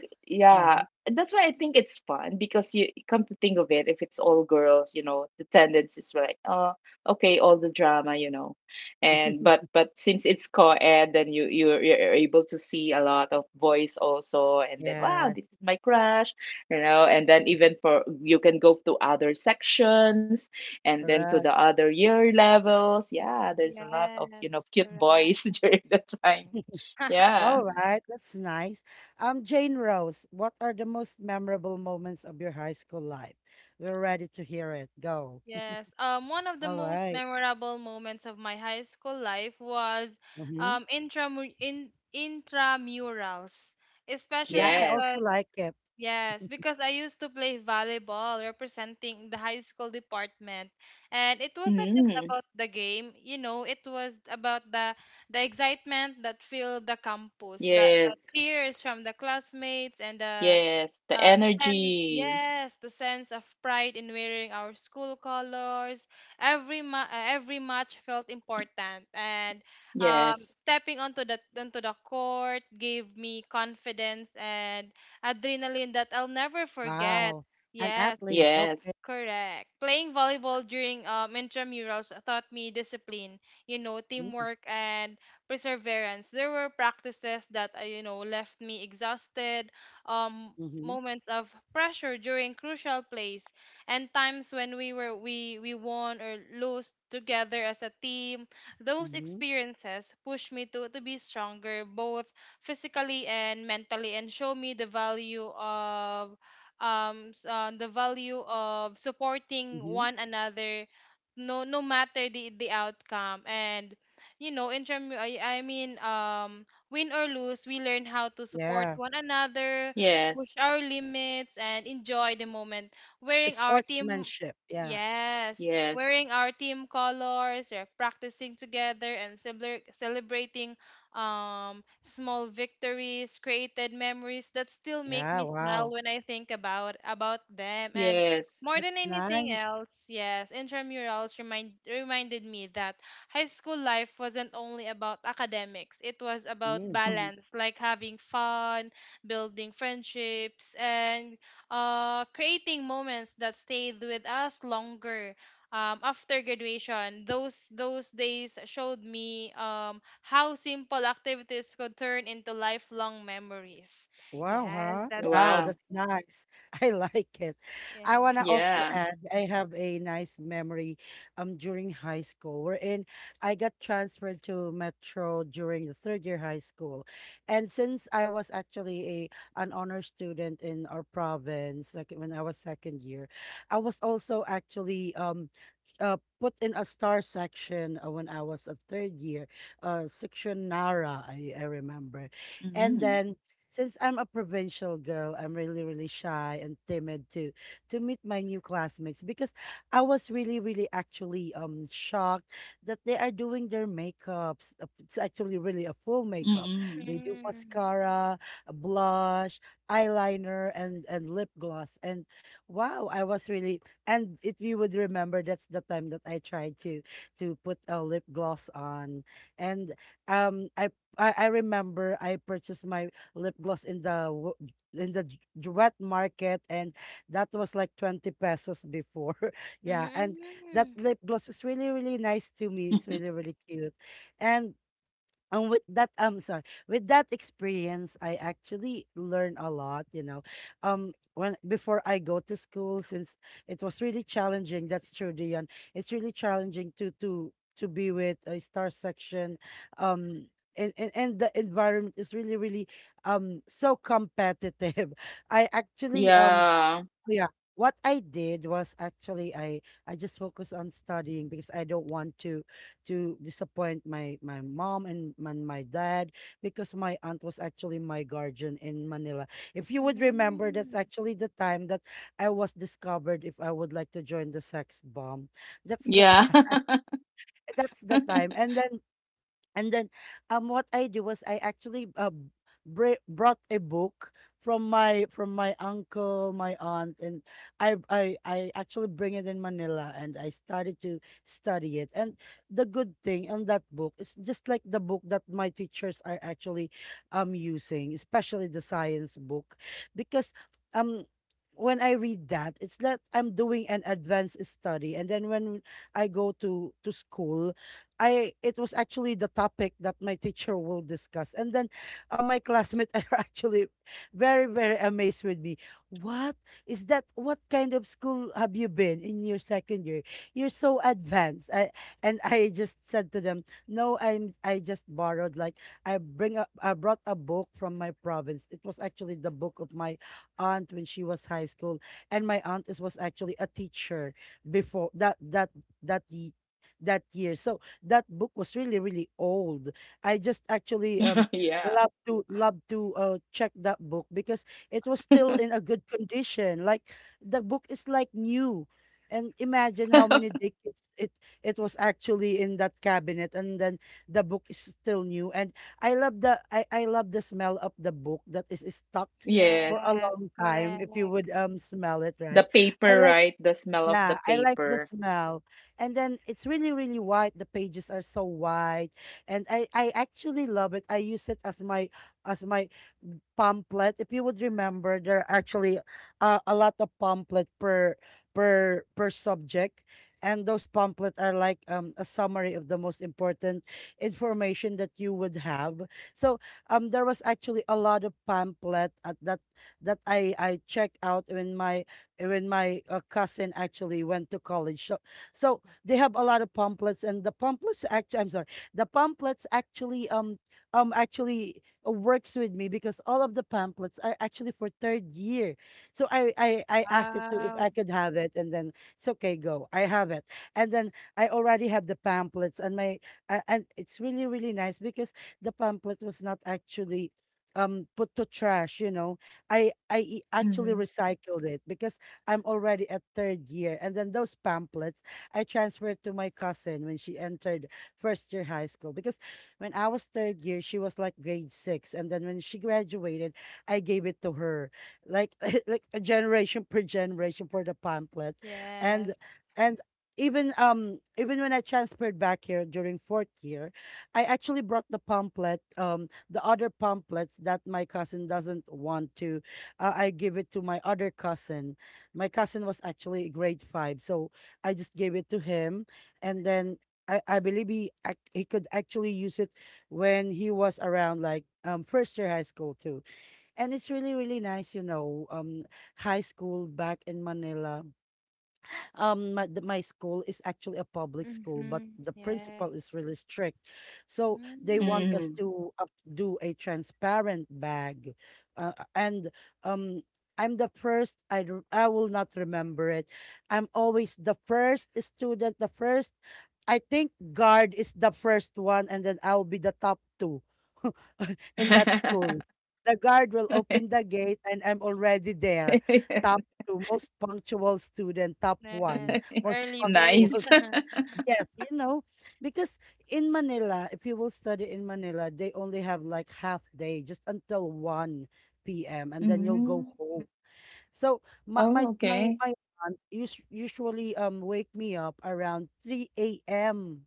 Uh-huh.
yeah, that's why I think it's fun because you come to think of it, if it's all girls, you know, the tendency is like, oh, okay, all the drama, you know, and but since it's co-ed, then you're able to see a lot of boys also, and then wow, this is
Yes,
my crush, you know, and then even for you can go to other sections, and then to the
correct.
other year levels. Yeah, there's a lot of you know
Yes,
cute
correct.
boys during the time.
All
Yeah.
right, that's nice. Jane Rose, what are the most memorable moments of your high school life? We're ready to hear it. Go.
Yes. One of the
All
most
right.
memorable moments of my high school life was
Mm-hmm.
intramu- in intramurals, especially
Yeah, I
Yes.
also
because
like it.
yes, because I used to play volleyball representing the high school department, and it was not just
Mm.
about the game, you know, it was about the excitement that filled the campus, the
Yes,
cheers from the classmates and the
yes, the
uh,
energy.
yes, the sense of pride in wearing our school colors. Every match felt important, and
Yes,
stepping onto the court gave me confidence and adrenaline that I'll never forget.
Wow. An
Yes,
athlete.
yes,
Okay.
correct. Playing volleyball during intramurals taught me discipline, you know,
Mm,
teamwork and perseverance. There were practices that, you know, left me exhausted, um,
mm-hmm.
moments of pressure during crucial plays, and times when we were we won or lost together as a team. Those
Mm-hmm.
experiences pushed me to be stronger, both physically and mentally, and show me the value of the value of supporting
Mm-hmm.
one another, no matter the outcome. And you know, I mean, win or lose, we learn how to support
Yeah.
one another,
yes,
push our limits, and enjoy the moment wearing our team
Sportsmanship. Yeah.
yes
yes,
wearing our team colors, or practicing together, and celebrating small victories, created memories that still make
Yeah.
me smile
Wow.
when I think about them. And
yes.
more than
That's
anything
nice.
else, yes, intramurals reminded me that high school life wasn't only about academics. It was about
Mm.
Mhm.
balance, like having fun, building friendships, and creating moments that stayed with us longer after graduation. Those days showed me how simple activities could turn into lifelong memories.
Wow,
Yes,
huh?
that's
Wow,
it.
Wow.
that's nice. I like it. I want
Yeah.
to also
Yeah.
add, I have a nice memory, during high school, wherein I got transferred to Metro during the third year high school. And since I was actually a an honor student in our province, like when I was second year, I was also actually put in a star section when I was a third year, section Nara, I remember. And
Mm-hmm.
then, since I'm a provincial girl, I'm really, really shy and timid to meet my new classmates, because I was really, really actually shocked that they are doing their makeups. It's actually really a full makeup.
Mm-hmm.
They do
Mm,
mascara, a blush, eyeliner, and lip gloss. And wow, I was really. And if you would remember, that's the time that I tried to put a lip gloss on, and um I. I remember I purchased my lip gloss in the wet market, and that was like 20 pesos before. Yeah, and that
mm,
lip gloss is really really nice to me, it's really really cute. And with that, I'm sorry with that experience, I actually learned a lot, when before I go to school, since it was really challenging, that's true, Dion. It's really challenging to be with a star section, um and, and the environment is really really so competitive. I actually,
Yeah.
yeah. What I did was, actually, I just focus on studying, because I don't want to disappoint my mom and my dad, because my aunt was actually my guardian in Manila. If you would remember, that's
mm.
actually the time that I was discovered if I would like to join the sex bomb. That's the
Yeah.
time. That's the time. And then, and then what I do was, I actually, brought a book from my uncle, my aunt, and I actually bring it in Manila, and I started to study it. And the good thing on that book is, just like the book that my teachers are actually using, especially the science book, because um when I read that, it's that I'm doing an advanced study. And then, when I go to school, I it was actually the topic that my teacher will discuss. And then, my classmates are actually very very amazed with me. What is that? What kind of school have you been in your second year? You're so advanced. And I just said to them, no, I just borrowed like, I bring up I brought a book from my province. It was actually the book of my aunt when she was high school, and my aunt was actually a teacher before that ye- that year. So that book was really really old. I just actually um
Yeah.
love to love to uh check that book because it was still in a good condition. Like the book is like new. And imagine how many decades it was actually in that cabinet and then the book is still new. And I love I love the smell of the book that is stuck for
Yes.
a
Yes,
long time if you
correct.
would smell it,
The
right? I
paper,
like
right? The smell of the
Yeah, I like the
paper.
smell. And then it's really, really white. The pages are so white. And I actually love it. I use it as my as my pamphlet. If you would remember, there are actually a lot of pamphlet per subject. And those pamphlets are like a summary of the most important information that you would have. So there was actually a lot of pamphlet at that I check out in my when my cousin actually went to college. So they have a lot of pamphlets, and the pamphlets actually, I'm sorry, the pamphlets actually works with me because all of the pamphlets are actually for third year. So I asked it to if
Wow.
I could have it, and then it's okay, go. I have it, and then I already have the pamphlets, and it's really really nice because the pamphlet was not actually put to trash. I actually
Mm-hmm.
recycled it because I'm already at third year. And then those pamphlets I transferred to my cousin when she entered first year high school. Because when I was third year, she was like grade six. And then when she graduated, I gave it to her. Like like a generation per generation for the pamphlet.
Yes.
And and even when I transferred back here during fourth year, I actually brought the pamphlet, the other pamphlets that my cousin doesn't want to. I give it to my other cousin. My cousin was actually grade five, so I just gave it to him, and then I believe he could actually use it when he was around like first year high school too, and it's really really nice, high school back in Manila. My school is actually a public school but
Mm-hmm.
the principal
Yes.
is really strict, so they
Mm,
want us
Mm-hmm.
to up do a transparent bag, and um I'm the first I r- I will not remember it. I'm always the first student. The first, I think guard is the first one and then I'll be the top two in that school. The guard will open the gate and I'm already there. Top two, most punctual student, top
yes.
one, most
Early bird.
punctual.
Nice.
Yes, you know, because in Manila, if you will study in Manila, they only have like half day, just until 1 p.m. and then you'll go
Mm.
home. So my
Oh,
my my
okay.
my aunt usually wake me up around 3 a.m.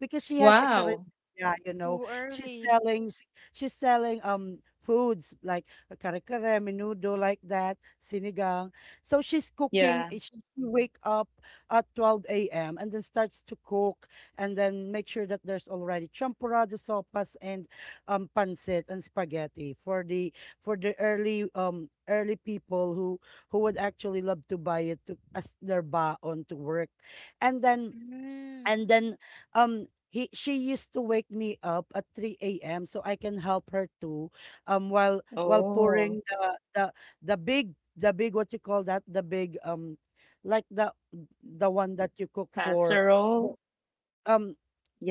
because she has a career.
Wow.
Yeah,
Too
she's
early.
selling s- she's selling foods like kare kare, menudo like that, sinigang. So she's cooking.
Yeah.
She wake up at 12 a.m. and then starts to cook and then make sure that there's already champurrado, sopas, and pancit and spaghetti for the early early people who would actually love to buy it to, as their baon to work. And then
Mm.
and then he she used to wake me up at 3 a.m. so I can help her too, while pouring
Oh,
the the the big the big, what you call that, the big, like the one that you cook for, w-
casserole?
um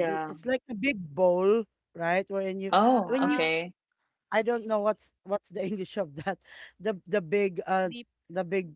it's like a big bowl, right, wherein you,
Oh,
when you,
Ah,
okay.
I don't
okay.
know what's the English of that, the the big uh
Deep.
the big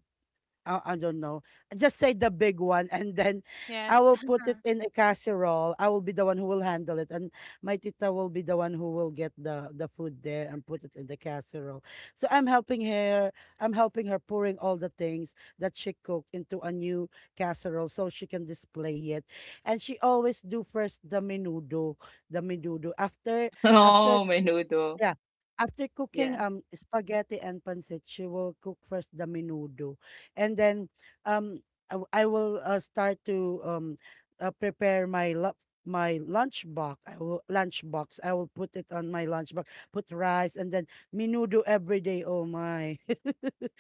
I don't know. Just say the big one, and then I
Yes.
will put it in a casserole. I will be the one who will handle it, and my tita will be the one who will get the food there and put it in the casserole. So I'm helping her. I'm helping her pouring all the things that she cooked into a new casserole so she can display it. And she always do first the menudo, the menudo. After
Oh,
after
menudo.
yeah. After
Yeah.
cooking spaghetti and pancit, she will cook first the menudo, and then um I will start to prepare my lunch box. I will lunch box. I will put it on my lunch box. Put rice and then menudo every day. Oh my!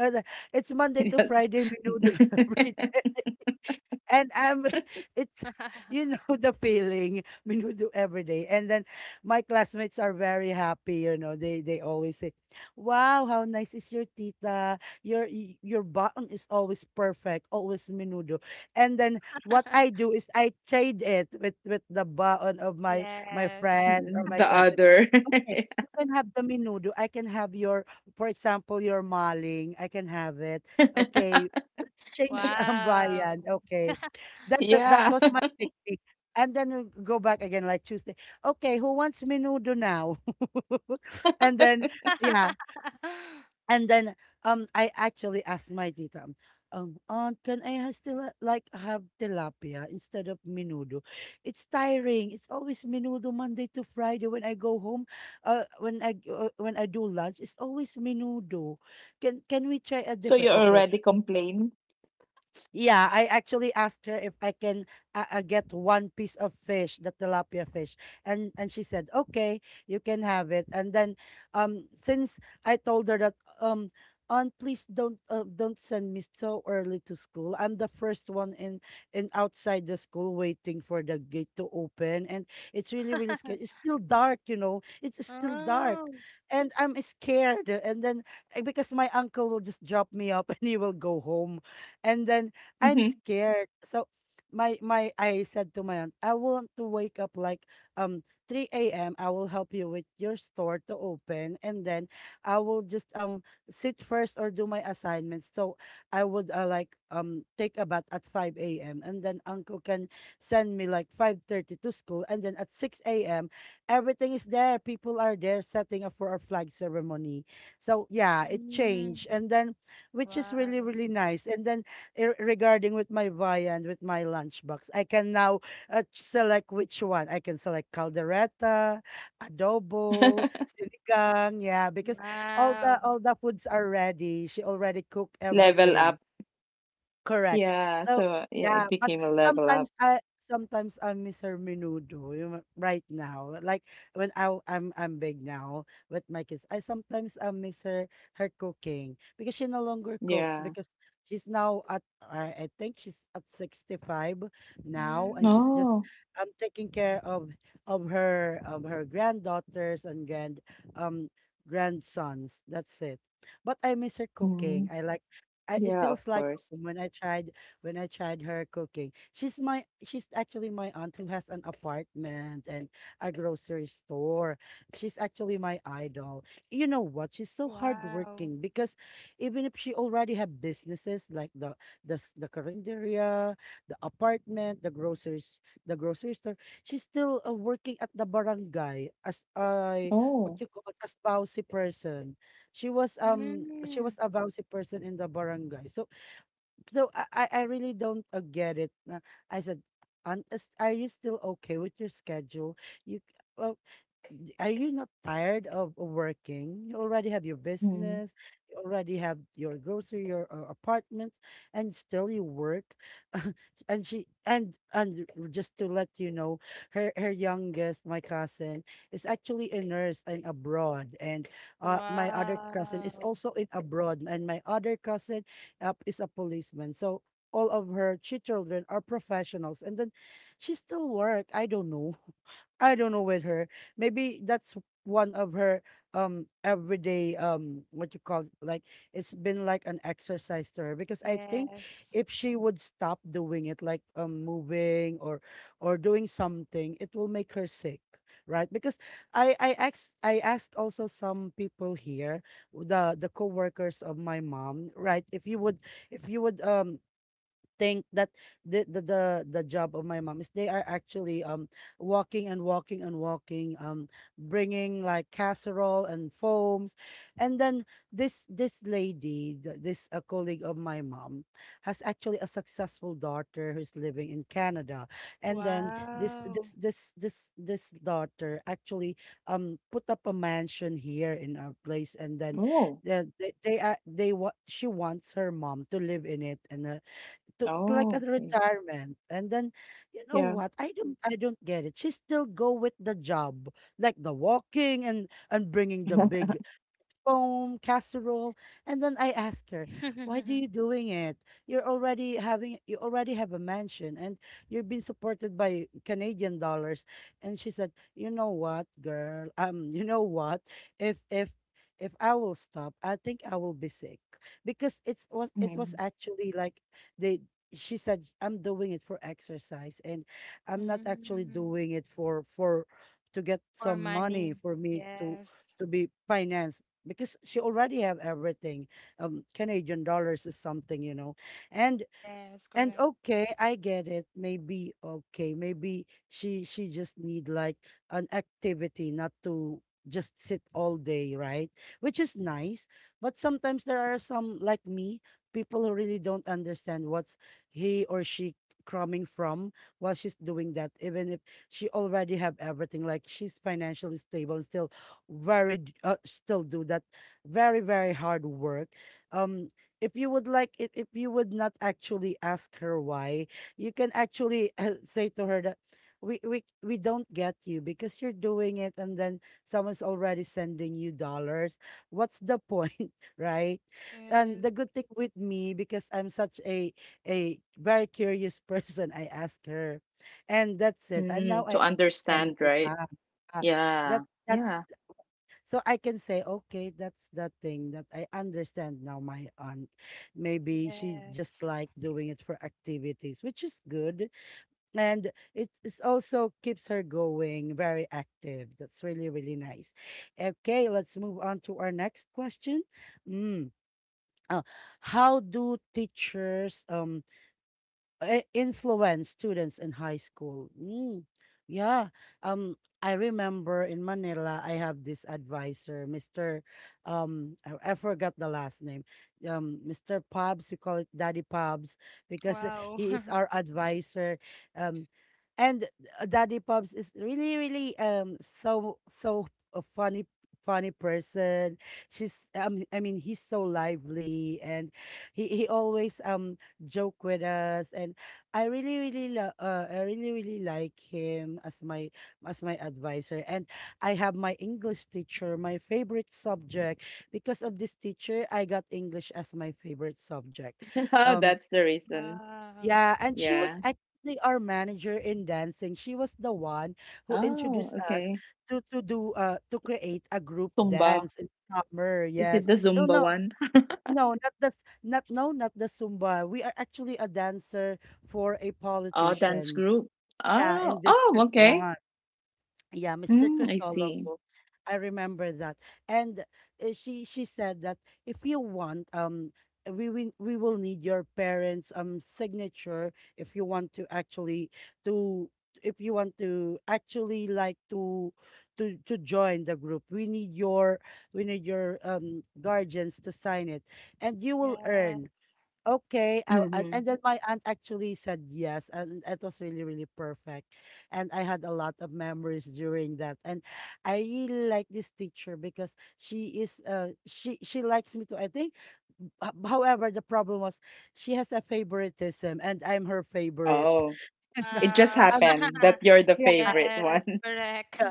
Uh, It's Monday to Friday menudo every day and I'm it's you know the feeling do every day. And then my classmates are very happy, you know. They always say, "Wow, how nice is your tita? Your button is always perfect, always minudo." And then what I do is I trade it with the button of my
yes.
friend or my
The
classmate.
other.
Okay. You can have the minudo. I can have your, for example, your maling. I can have it. Okay, let's change ang.
Wow.
Okay. That's a, that
Yeah.
was my technique. And then we go back again like Tuesday. Okay, who wants menudo now? and then yeah, and then I actually asked my tita, aunt, can I still have tilapia instead of menudo? It's tiring. It's always menudo Monday to Friday. When I go home, when I do lunch, it's always menudo. Can we try a
So you
different? Okay,
already complain.
yeah, I actually asked her if I can get one piece of fish, the tilapia fish, and she said, "Okay, you can have it." And then, since I told her that, um, Aunt, please don't send me so early to school. I'm the first one in outside the school waiting for the gate to open, and it's really really scary. It's still dark, you know. It's still dark,
Oh.
and I'm scared. And then because my uncle will just drop me up and he will go home, and then I'm
Mhm.
scared. So my I said to my aunt, I want to wake up like um 3 a.m. I will help you with your store to open and then I will just sit first or do my assignments. So I would like take a bath at 5 a.m. and then uncle can send me like 5:30 to school and then at 6 a.m. everything is there. People are there setting up for our flag ceremony. So yeah, it
Mm.
changed, and then, which is
Wow.
really really nice. And then, regarding with my viand, with my lunchbox, I can now select which one. I can select caldereta, adobo, sinigang. Yeah, because
Wow.
all the foods are ready. She already cooked
Level
everything.
up.
Correct.
Yeah.
So,
So yeah,
yeah,
it
but
became a level up.
sometimes I, sometimes I'm Mr. Menudo, right now. Like when I w- I'm big now with my kids, I sometimes I miss her cooking because she no longer cooks
Yeah.
because she's now at, I think she's at 65 now, and
Mm.
she's just
Oh.
taking care of of her granddaughters and um grandsons. That's it. But I miss her cooking.
Mm.
It
Yeah, of
feels like
course.
when I tried when I tried her cooking. She's actually my aunt who has an apartment and a grocery store. She's actually my idol. You know what? She's so
Wow.
hardworking because even if she already have businesses like the carinderia, the apartment, the groceries, the grocery store, she's still working at the barangay as a, what
Oh.
you call it, a spousey person. She
Mm.
was a bouncy person in the barangay. So, I really don't get it. I said, Aunt, are you still okay with your schedule? You well, are you not tired of working? You already have your
Mm.
business, you already have your grocery, your apartment, and still you work. and she and just to let you know, her youngest, my cousin, is actually a nurse and abroad, and my other cousin is
Wow.
also in abroad, and my other cousin is a policeman. So. All of her children are professionals, and then she still work. I don't know. I don't know with her. Maybe that's one of her everyday what you call it, like it's been like an exercise to her because I think
Yes.
if she would stop doing it, like moving or doing something, it will make her sick, right? Because I asked also some people here, the co-workers of my mom, right? If you would, if you would think that the the the, the job of my mom, is they are actually walking and walking and walking, bringing like casserole and foams. And then this a colleague of my mom has actually a successful daughter who's living in Canada. And then this
Wow.
this this this this daughter actually put up a mansion here in our place. And then
Oh.
the, they, are, they wa- she wants her mom to live in it and to like a
Oh, okay.
retirement. And then, you know
Yeah.
what? I don't get it. She still go with the job, like the walking and bringing the big foam, casserole. And then I asked her, why do you doing it? You're already having, you already have a mansion and you're being supported by Canadian dollars. And she said, you know what, girl? You know what? If, if, if I will stop, I think I will be sick because it was
Mm.
actually like they, she said, I'm doing it for exercise, and I'm not actually
Mm.
doing it for to get
For
some
money.
money for me to
Yes.
be financed because she already have everything. Canadian dollars is something, you know. And
Yes,
and
correct.
okay, I get it. Maybe okay, maybe she just need like an activity, not to just sit all day, right? Which is nice. But sometimes there are some like me, people who really don't understand what's he or she coming from while she's doing that, even if she already have everything, like she's financially stable and still still do that very, very hard work. Um if you would like, if you would not actually ask her why, you can actually say to her that we don't get you because you're doing it and then someone's already sending you dollars, what's the point? Right? And the
Yes.
good thing with me, because I'm such a very curious person, I ask her, and that's it, and now
Mm. To
I understand
understand,
my
right?
aunt. Uh,
Yeah,
that that's
yeah.
so I can say, okay, that's that thing that I understand now. My aunt, maybe she just
Yes.
like doing it for activities, which is good, and it is also keeps her going, very active. That's really really nice. Okay, let's move on to our next question. Mm. Uh, how do teachers influence students in high school? Mm, yeah. Um, I remember in Manila, I have this advisor, Mr. I forgot the last name. Mr. Pubs, we call it Daddy Pubs because
Wow.
he is our advisor. Um, and Daddy Pubs is really, really so so a funny person. She's I mean He's so lively and he always joke with us. And I really really I really really like him as my advisor. And I have my English teacher, my favorite subject. Because of this teacher, I got English as my favorite subject. um
That's the reason.
Wow.
yeah, and she was
Yeah.
actually our manager in dancing. She was the one who
Oh,
introduced us
okay.
to do to create a group
Zumba.
dance in summer.
Is it
Yes,
the
oh
Zumba
no,
one?
no, not the not, no, not the Zumba. We are actually a dancer for a
Oh, dance
politician.
group.
Yeah, in
Oh, oh,
District
okay.
1. Yeah, Mr.
Mm, I see.
Crisologo. I remember that. And she said that, if you want, we will need your parents signature if you want to actually to if you want to actually like to join the group. We need your, we need your guardians to sign it, and you will earn.
Yes.
Okay,
Mm-hmm.
and then my aunt actually said yes, and it was really, really perfect. And I had a lot of memories during that. And I really like this teacher because she is, she likes me too, I think. H- however, the problem was, she has a favoritism, and I'm her favorite.
Oh,
No,
it just
Wow.
um,
happened that you're the
yeah,
favorite
Yes,
one.
correct.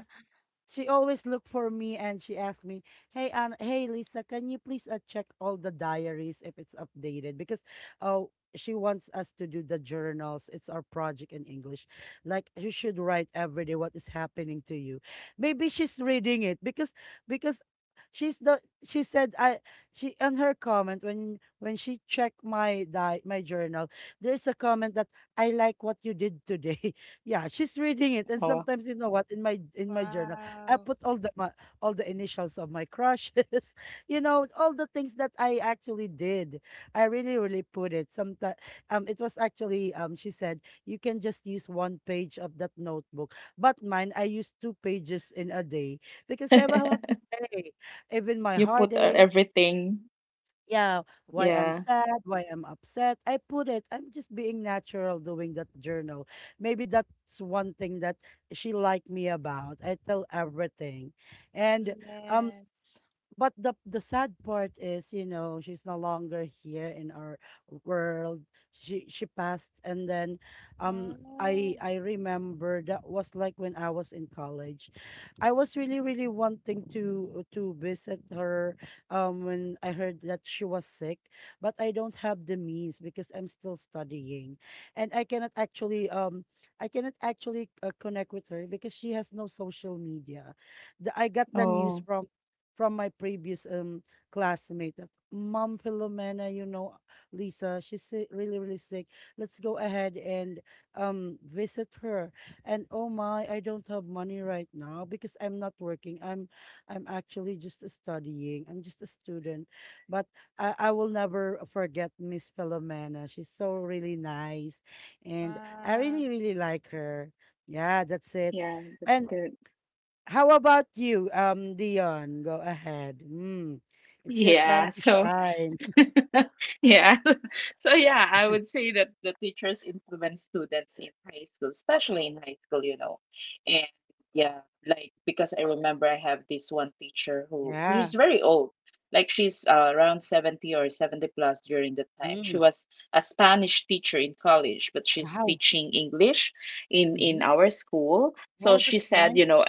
she always looked for me, and she asked me, "Hey, hey, Lisa, can you please check all the diaries if it's updated?" Because, oh, she wants us to do the journals. It's our project in English. Like, you should write every day what is happening to you. Maybe she's reading it because because she said I, she on her comment, when she checked my my journal, there's a comment that, I like what you did today. Yeah, she's reading it. And
Oh,
sometimes, you know what, in my journal, I
Wow.
put all the all the initials of my crushes, you know, all the things that I actually did. I really, really put it. Sometimes, it was actually she said you can just use one page of that notebook, but mine, I used two pages in a day because I have a lot to say. Even my
you put
heartache,
everything.
yeah, why I'm
Yeah.
sad, why I'm upset. I put it. I'm just being natural doing that journal. Maybe that's one thing that she liked me about. I tell everything. And um
Yes.
but the sad part is, you know, she's no longer here in our world. She passed. And then um i
Oh,
i remember that was like when I was in college, I was really really wanting to visit her when I heard that she was sick, but I don't have the means because I'm still studying, and I cannot actually I cannot actually connect with her because she has no social media. I got the news
Oh,
from my previous classmate that, Mom Filomena, you know, Lisa, she's really, really sick. Let's go ahead and visit her. And oh my, I don't have money right now because I'm not working. I'm actually just studying. I'm just a student. But I will never forget Miss Filomena. She's so really nice, and I
wow.
really, really like her. Yeah, that's it.
yeah, that's
And
good.
how about you, Dion? Go ahead. Mm. It's your time
Yeah,
to
so
shine.
Yeah. So yeah, I would say that the teachers influence students in high school, especially in high school, you know. And yeah, like because I remember I have this one teacher who
Yeah.
she's very old. Like she's around 70 or 70 plus during the time. She
Mm.
was a Spanish teacher in college, but she's
Wow.
teaching English in
Mm-hmm.
our school. So
Well,
she
that's
said,
nice.
you know,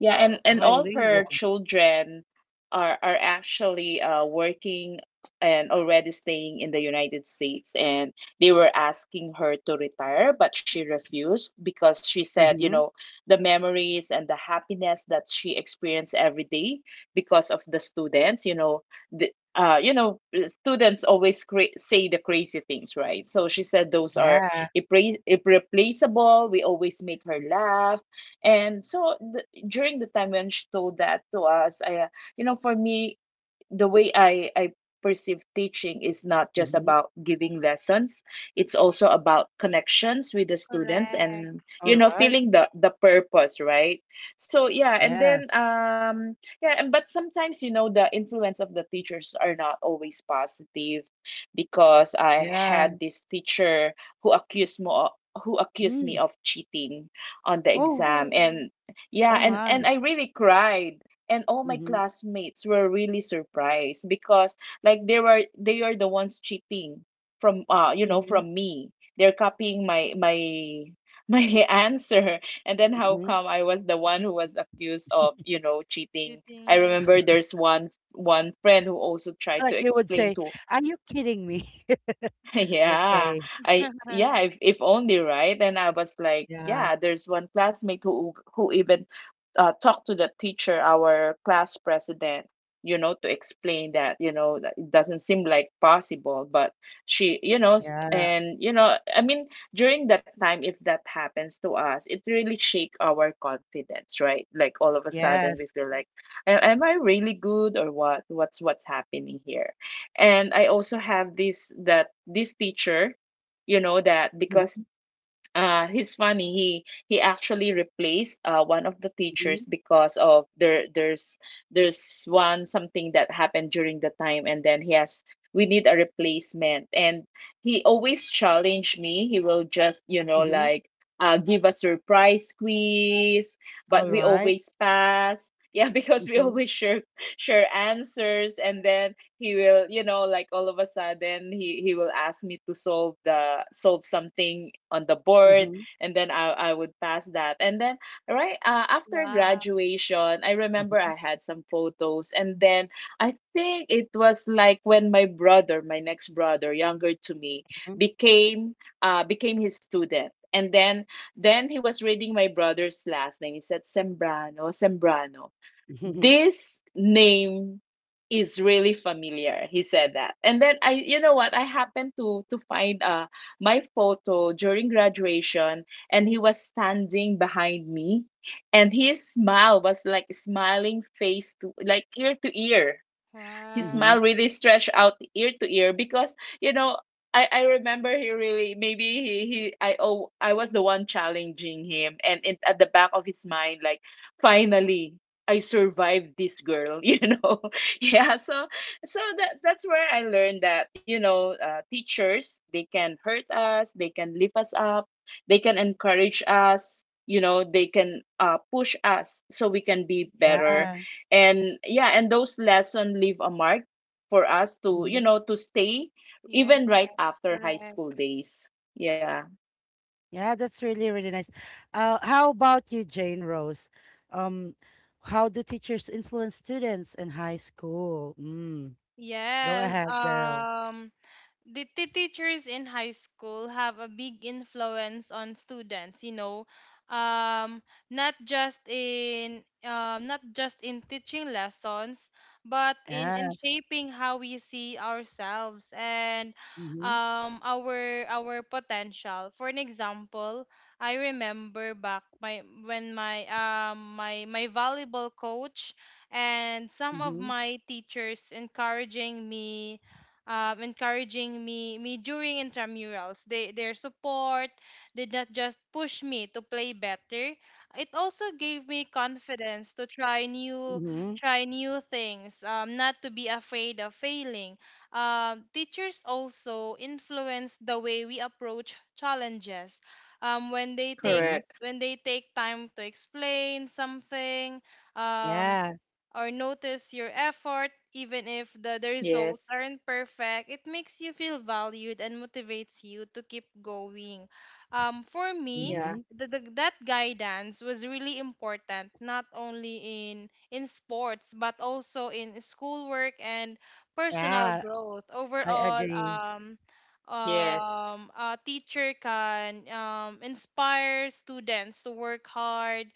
yeah, and all her
Bilingual.
children are actually working and already staying in the United States, and they were asking her to retire, but she refused because she said, you
Mm-hmm.
know, the memories and the happiness that she experienced every day because of the students, you know, the you know, students always say the crazy things, right? So she said those are
Yeah.
irreplaceable. We always make her laugh and during the time when she told that to us, you know, for me, the way I perceive teaching is not just
Mm-hmm.
about giving lessons, it's also about connections with the students and
Correct.
All
you know
right.
feeling the purpose, right? So yeah, and
Yeah.
then yeah, and but sometimes you know the influence of the teachers are not always positive, because I
Yeah.
had this teacher who accused me of, who accused me
Mm.
of cheating on the
Oh.
exam,
Oh,
and yeah,
Oh
and
my.
I really cried. And all my
Mm-hmm.
classmates were really surprised because like they are the ones cheating from you know
Mm-hmm.
from me, they're copying my my my answer. And then how
Mm-hmm.
come I was the one who was accused of you know cheating?
cheating
I
you.
remember there's one friend who also tried to
Like you would
explain
say,
to
"Are you kidding me?"
yeah,
Okay.
I yeah, if only, right? And I was like,
Yeah.
yeah, there's one classmate who even talked to the teacher, our class president, you know, to explain that, you know, that it doesn't seem like possible, but she, you know,
Yeah.
and you know, I mean, during that time, if that happens to us, it really shake our confidence, right? Like all of a
Correct.
sudden
Yes.
we feel like, am I really good or what? What's happening here? And I also have this that this teacher, you know, that because
Mm-hmm.
he's funny, he actually replaced one of the
Mm-hmm.
teachers because of there's one something that happened during the time and then he has we need a replacement, and he always challenge me. He will just, you know,
Mm-hmm.
like give a surprise quiz, but
All
we
right.
always pass. Yeah, because we
Mm-hmm.
always share answers, and then he will you know like all of a sudden he will ask me to solve something on the board,
Mm-hmm.
and then I would pass that. And then right after
Wow.
graduation I remember
Mm-hmm.
I had some photos, and then I think it was like when my next brother younger to me became became his student, and then he was reading my brother's last name. He said Sembrano, Sembrano.
Mhm,
This name is really familiar. He said that. And then I you know what? I happened to find my photo during graduation, and he was standing behind me and his smile was like smiling face to like ear to ear, his
mhm.
smile
Wow.
really stretched out ear to ear because you know I remember he really maybe he I oh I was the one challenging him, and it, at the back of his mind like finally I survived this girl. You know, yeah, so so that that's where I learned that you know teachers they can hurt us, they can lift us up, they can encourage us, you know, they can push us so we can be better.
Yeah.
And yeah, and those lessons leave a mark for us to you
Mhm.
know to stay
Yes,
even right after high school
correct.
days, yeah.
Yeah, that's really, really nice. How about you, Jane Rose? Um, how do teachers influence students in high school? Mm. Go
Yes.
ahead, girl.
Did the teachers in high school have a big influence on students? You know, um, not just in teaching lessons, but in
Yes.
shaping how we see ourselves and
Mm-hmm.
our potential. For an example, I remember back my when my my my volleyball coach and some of
Mm-hmm.
my teachers encouraging me, during intramurals. They Their support did not just push me to play better. It also gave me confidence to try new
Mm-hmm.
things, not to be afraid of failing. Teachers also influence the way we approach challenges. Um, when they
Correct.
take
Mm-hmm.
when they take time to explain something, um,
Yeah.
or notice your effort, even if the, the
Yes.
results aren't perfect, it makes you feel valued and motivates you to keep going. For
Yeah.
me,
Mm-hmm.
that guidance was really important, not only in sports but also in schoolwork and personal
Yeah,
growth.
I
Overall,
agree.
Yes.
a teacher can inspire students to work hard,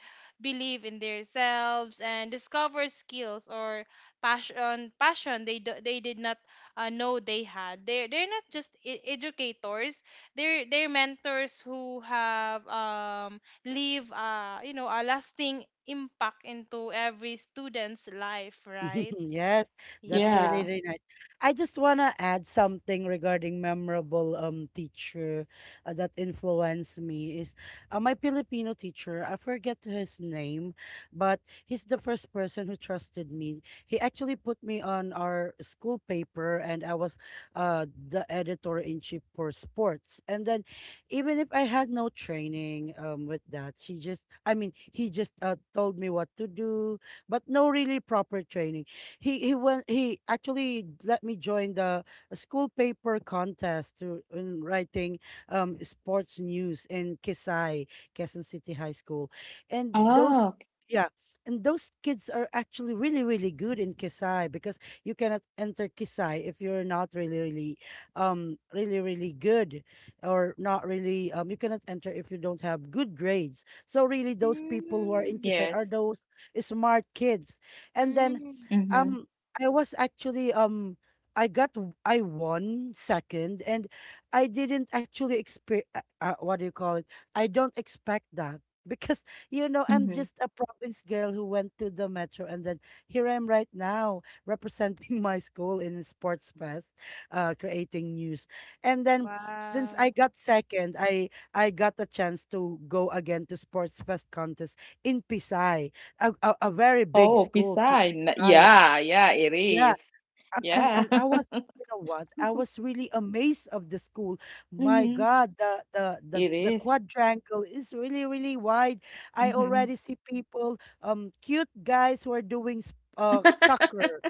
believe in themselves, and discover skills or passion they they did not know they had. They are, they're not just educators, they're mentors who have leave you know a lasting impact into every student's life, right?
Yes, that's
Yeah.
Yeah.
really, really nice. I just want to add something regarding memorable teacher that influenced me is my Filipino teacher. I forget his name, but he's the first person who trusted me. He actually put me on our school paper, and I was the editor in chief for sports. And then, even if I had no training with that, she just, I mean, he just told me what to do, but no really proper training. He actually let me join the school paper contest to in writing sports news in Kisai, Quezon City High School. And those,
Oh,
yeah, and those kids are actually really really good in Kisai because you cannot enter Kisai if you're not really really really really good, or not really you cannot enter if you don't have good grades. So really those people who are in
Mm.
Kisai are
yes.
those smart kids. And then
Mm.
Mm-hmm.
um I was actually I won second, and I didn't actually expect, what do you call it? I don't expect that because you know I'm
Mm-hmm.
just a province girl who went to the metro, and then here I'm right now representing my school in sports fest, creating news. And then, since I
Wow.
got second, I got a chance to go again to sports fest contest in Pisay, a very big
Oh,
school,
beside.
Philippine Science.
Yeah. Yeah, it
Yeah,
is. Yeah.
and I was, you know what, I was really amazed of the school. My
Mm-hmm.
God,
It
the
is.
quadrangle is really really wide. I
Mm-hmm.
already see people, cute guys who are doing soccer.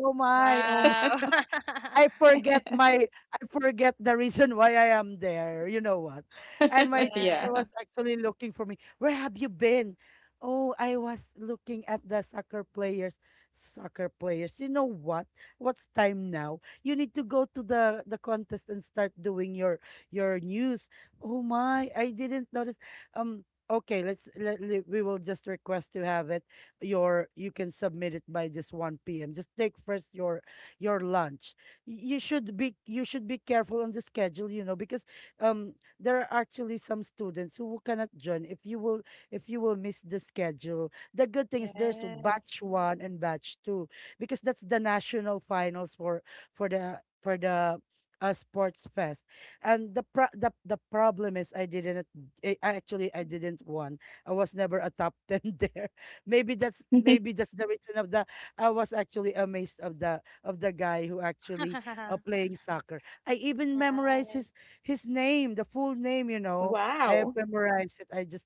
Oh my, oh,
Wow.
I forget my I forget the reason why I am there. You know what? And my teacher
Yes.
Yeah.
was actually looking for me. Where have you been? Oh, I was looking at the soccer players. Soccer players. You know what? What's time now? You need to go to the contest and start doing your news. Oh my, I didn't notice. Okay, we will just request to have it, you can submit it by this 1 p.m. Just take first your lunch. You should be, you should be careful on the schedule, you know, because um there are actually some students who cannot join if you will, if you will miss the schedule. The good thing is there's
Yes.
batch one and batch two because that's the national finals for the sports fest. And the problem is, I actually I didn't won. I was never a top 10 there. Maybe that's, maybe that's the reason. Of the I was actually amazed of the guy who actually playing soccer. I even memorized
Right.
his name, the full name. You know, I have
Wow.
memorized it. I just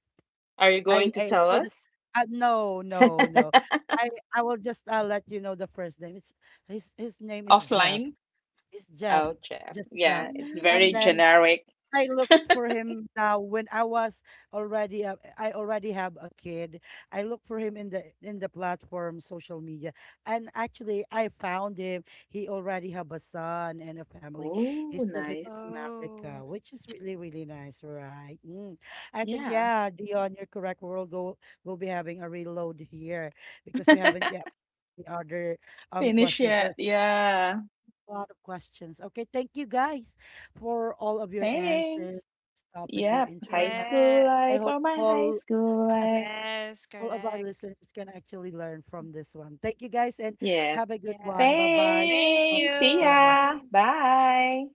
Are you going to
I
tell
put it.
us?
No, no, no. I I will just let you know the first name. It's His name is Jeff.
Offline?
It's Jeff.
Oh, chef.
Just Jeff.
Yeah, it's
And
very
Mm.
then
generic.
I look for him now when I was I already have a kid. I look for him in the platform social media, and actually I found him. He already have a son and a family.
Oh,
He's living in
nice.
Oh,
America, which is really really nice, right? Mm. I think
Yeah.
yeah, Dion, you're correct. We'll go. We'll be having a reload here because we haven't yet the other
Finish
questions.
it.
There's
Yeah.
a lot of questions. Okay, thank you guys for all of your answers,
Thanks.
topic, your
Yep. High
interest.
yes,
school
I
life
hope
or my high school life.
yes,
all of our
correct.
listeners can actually learn from this one. Thank you guys and
Yes.
have a good one.
Yes.
Bye
Thank
Thanks. See
bye.
ya.
you.
Bye.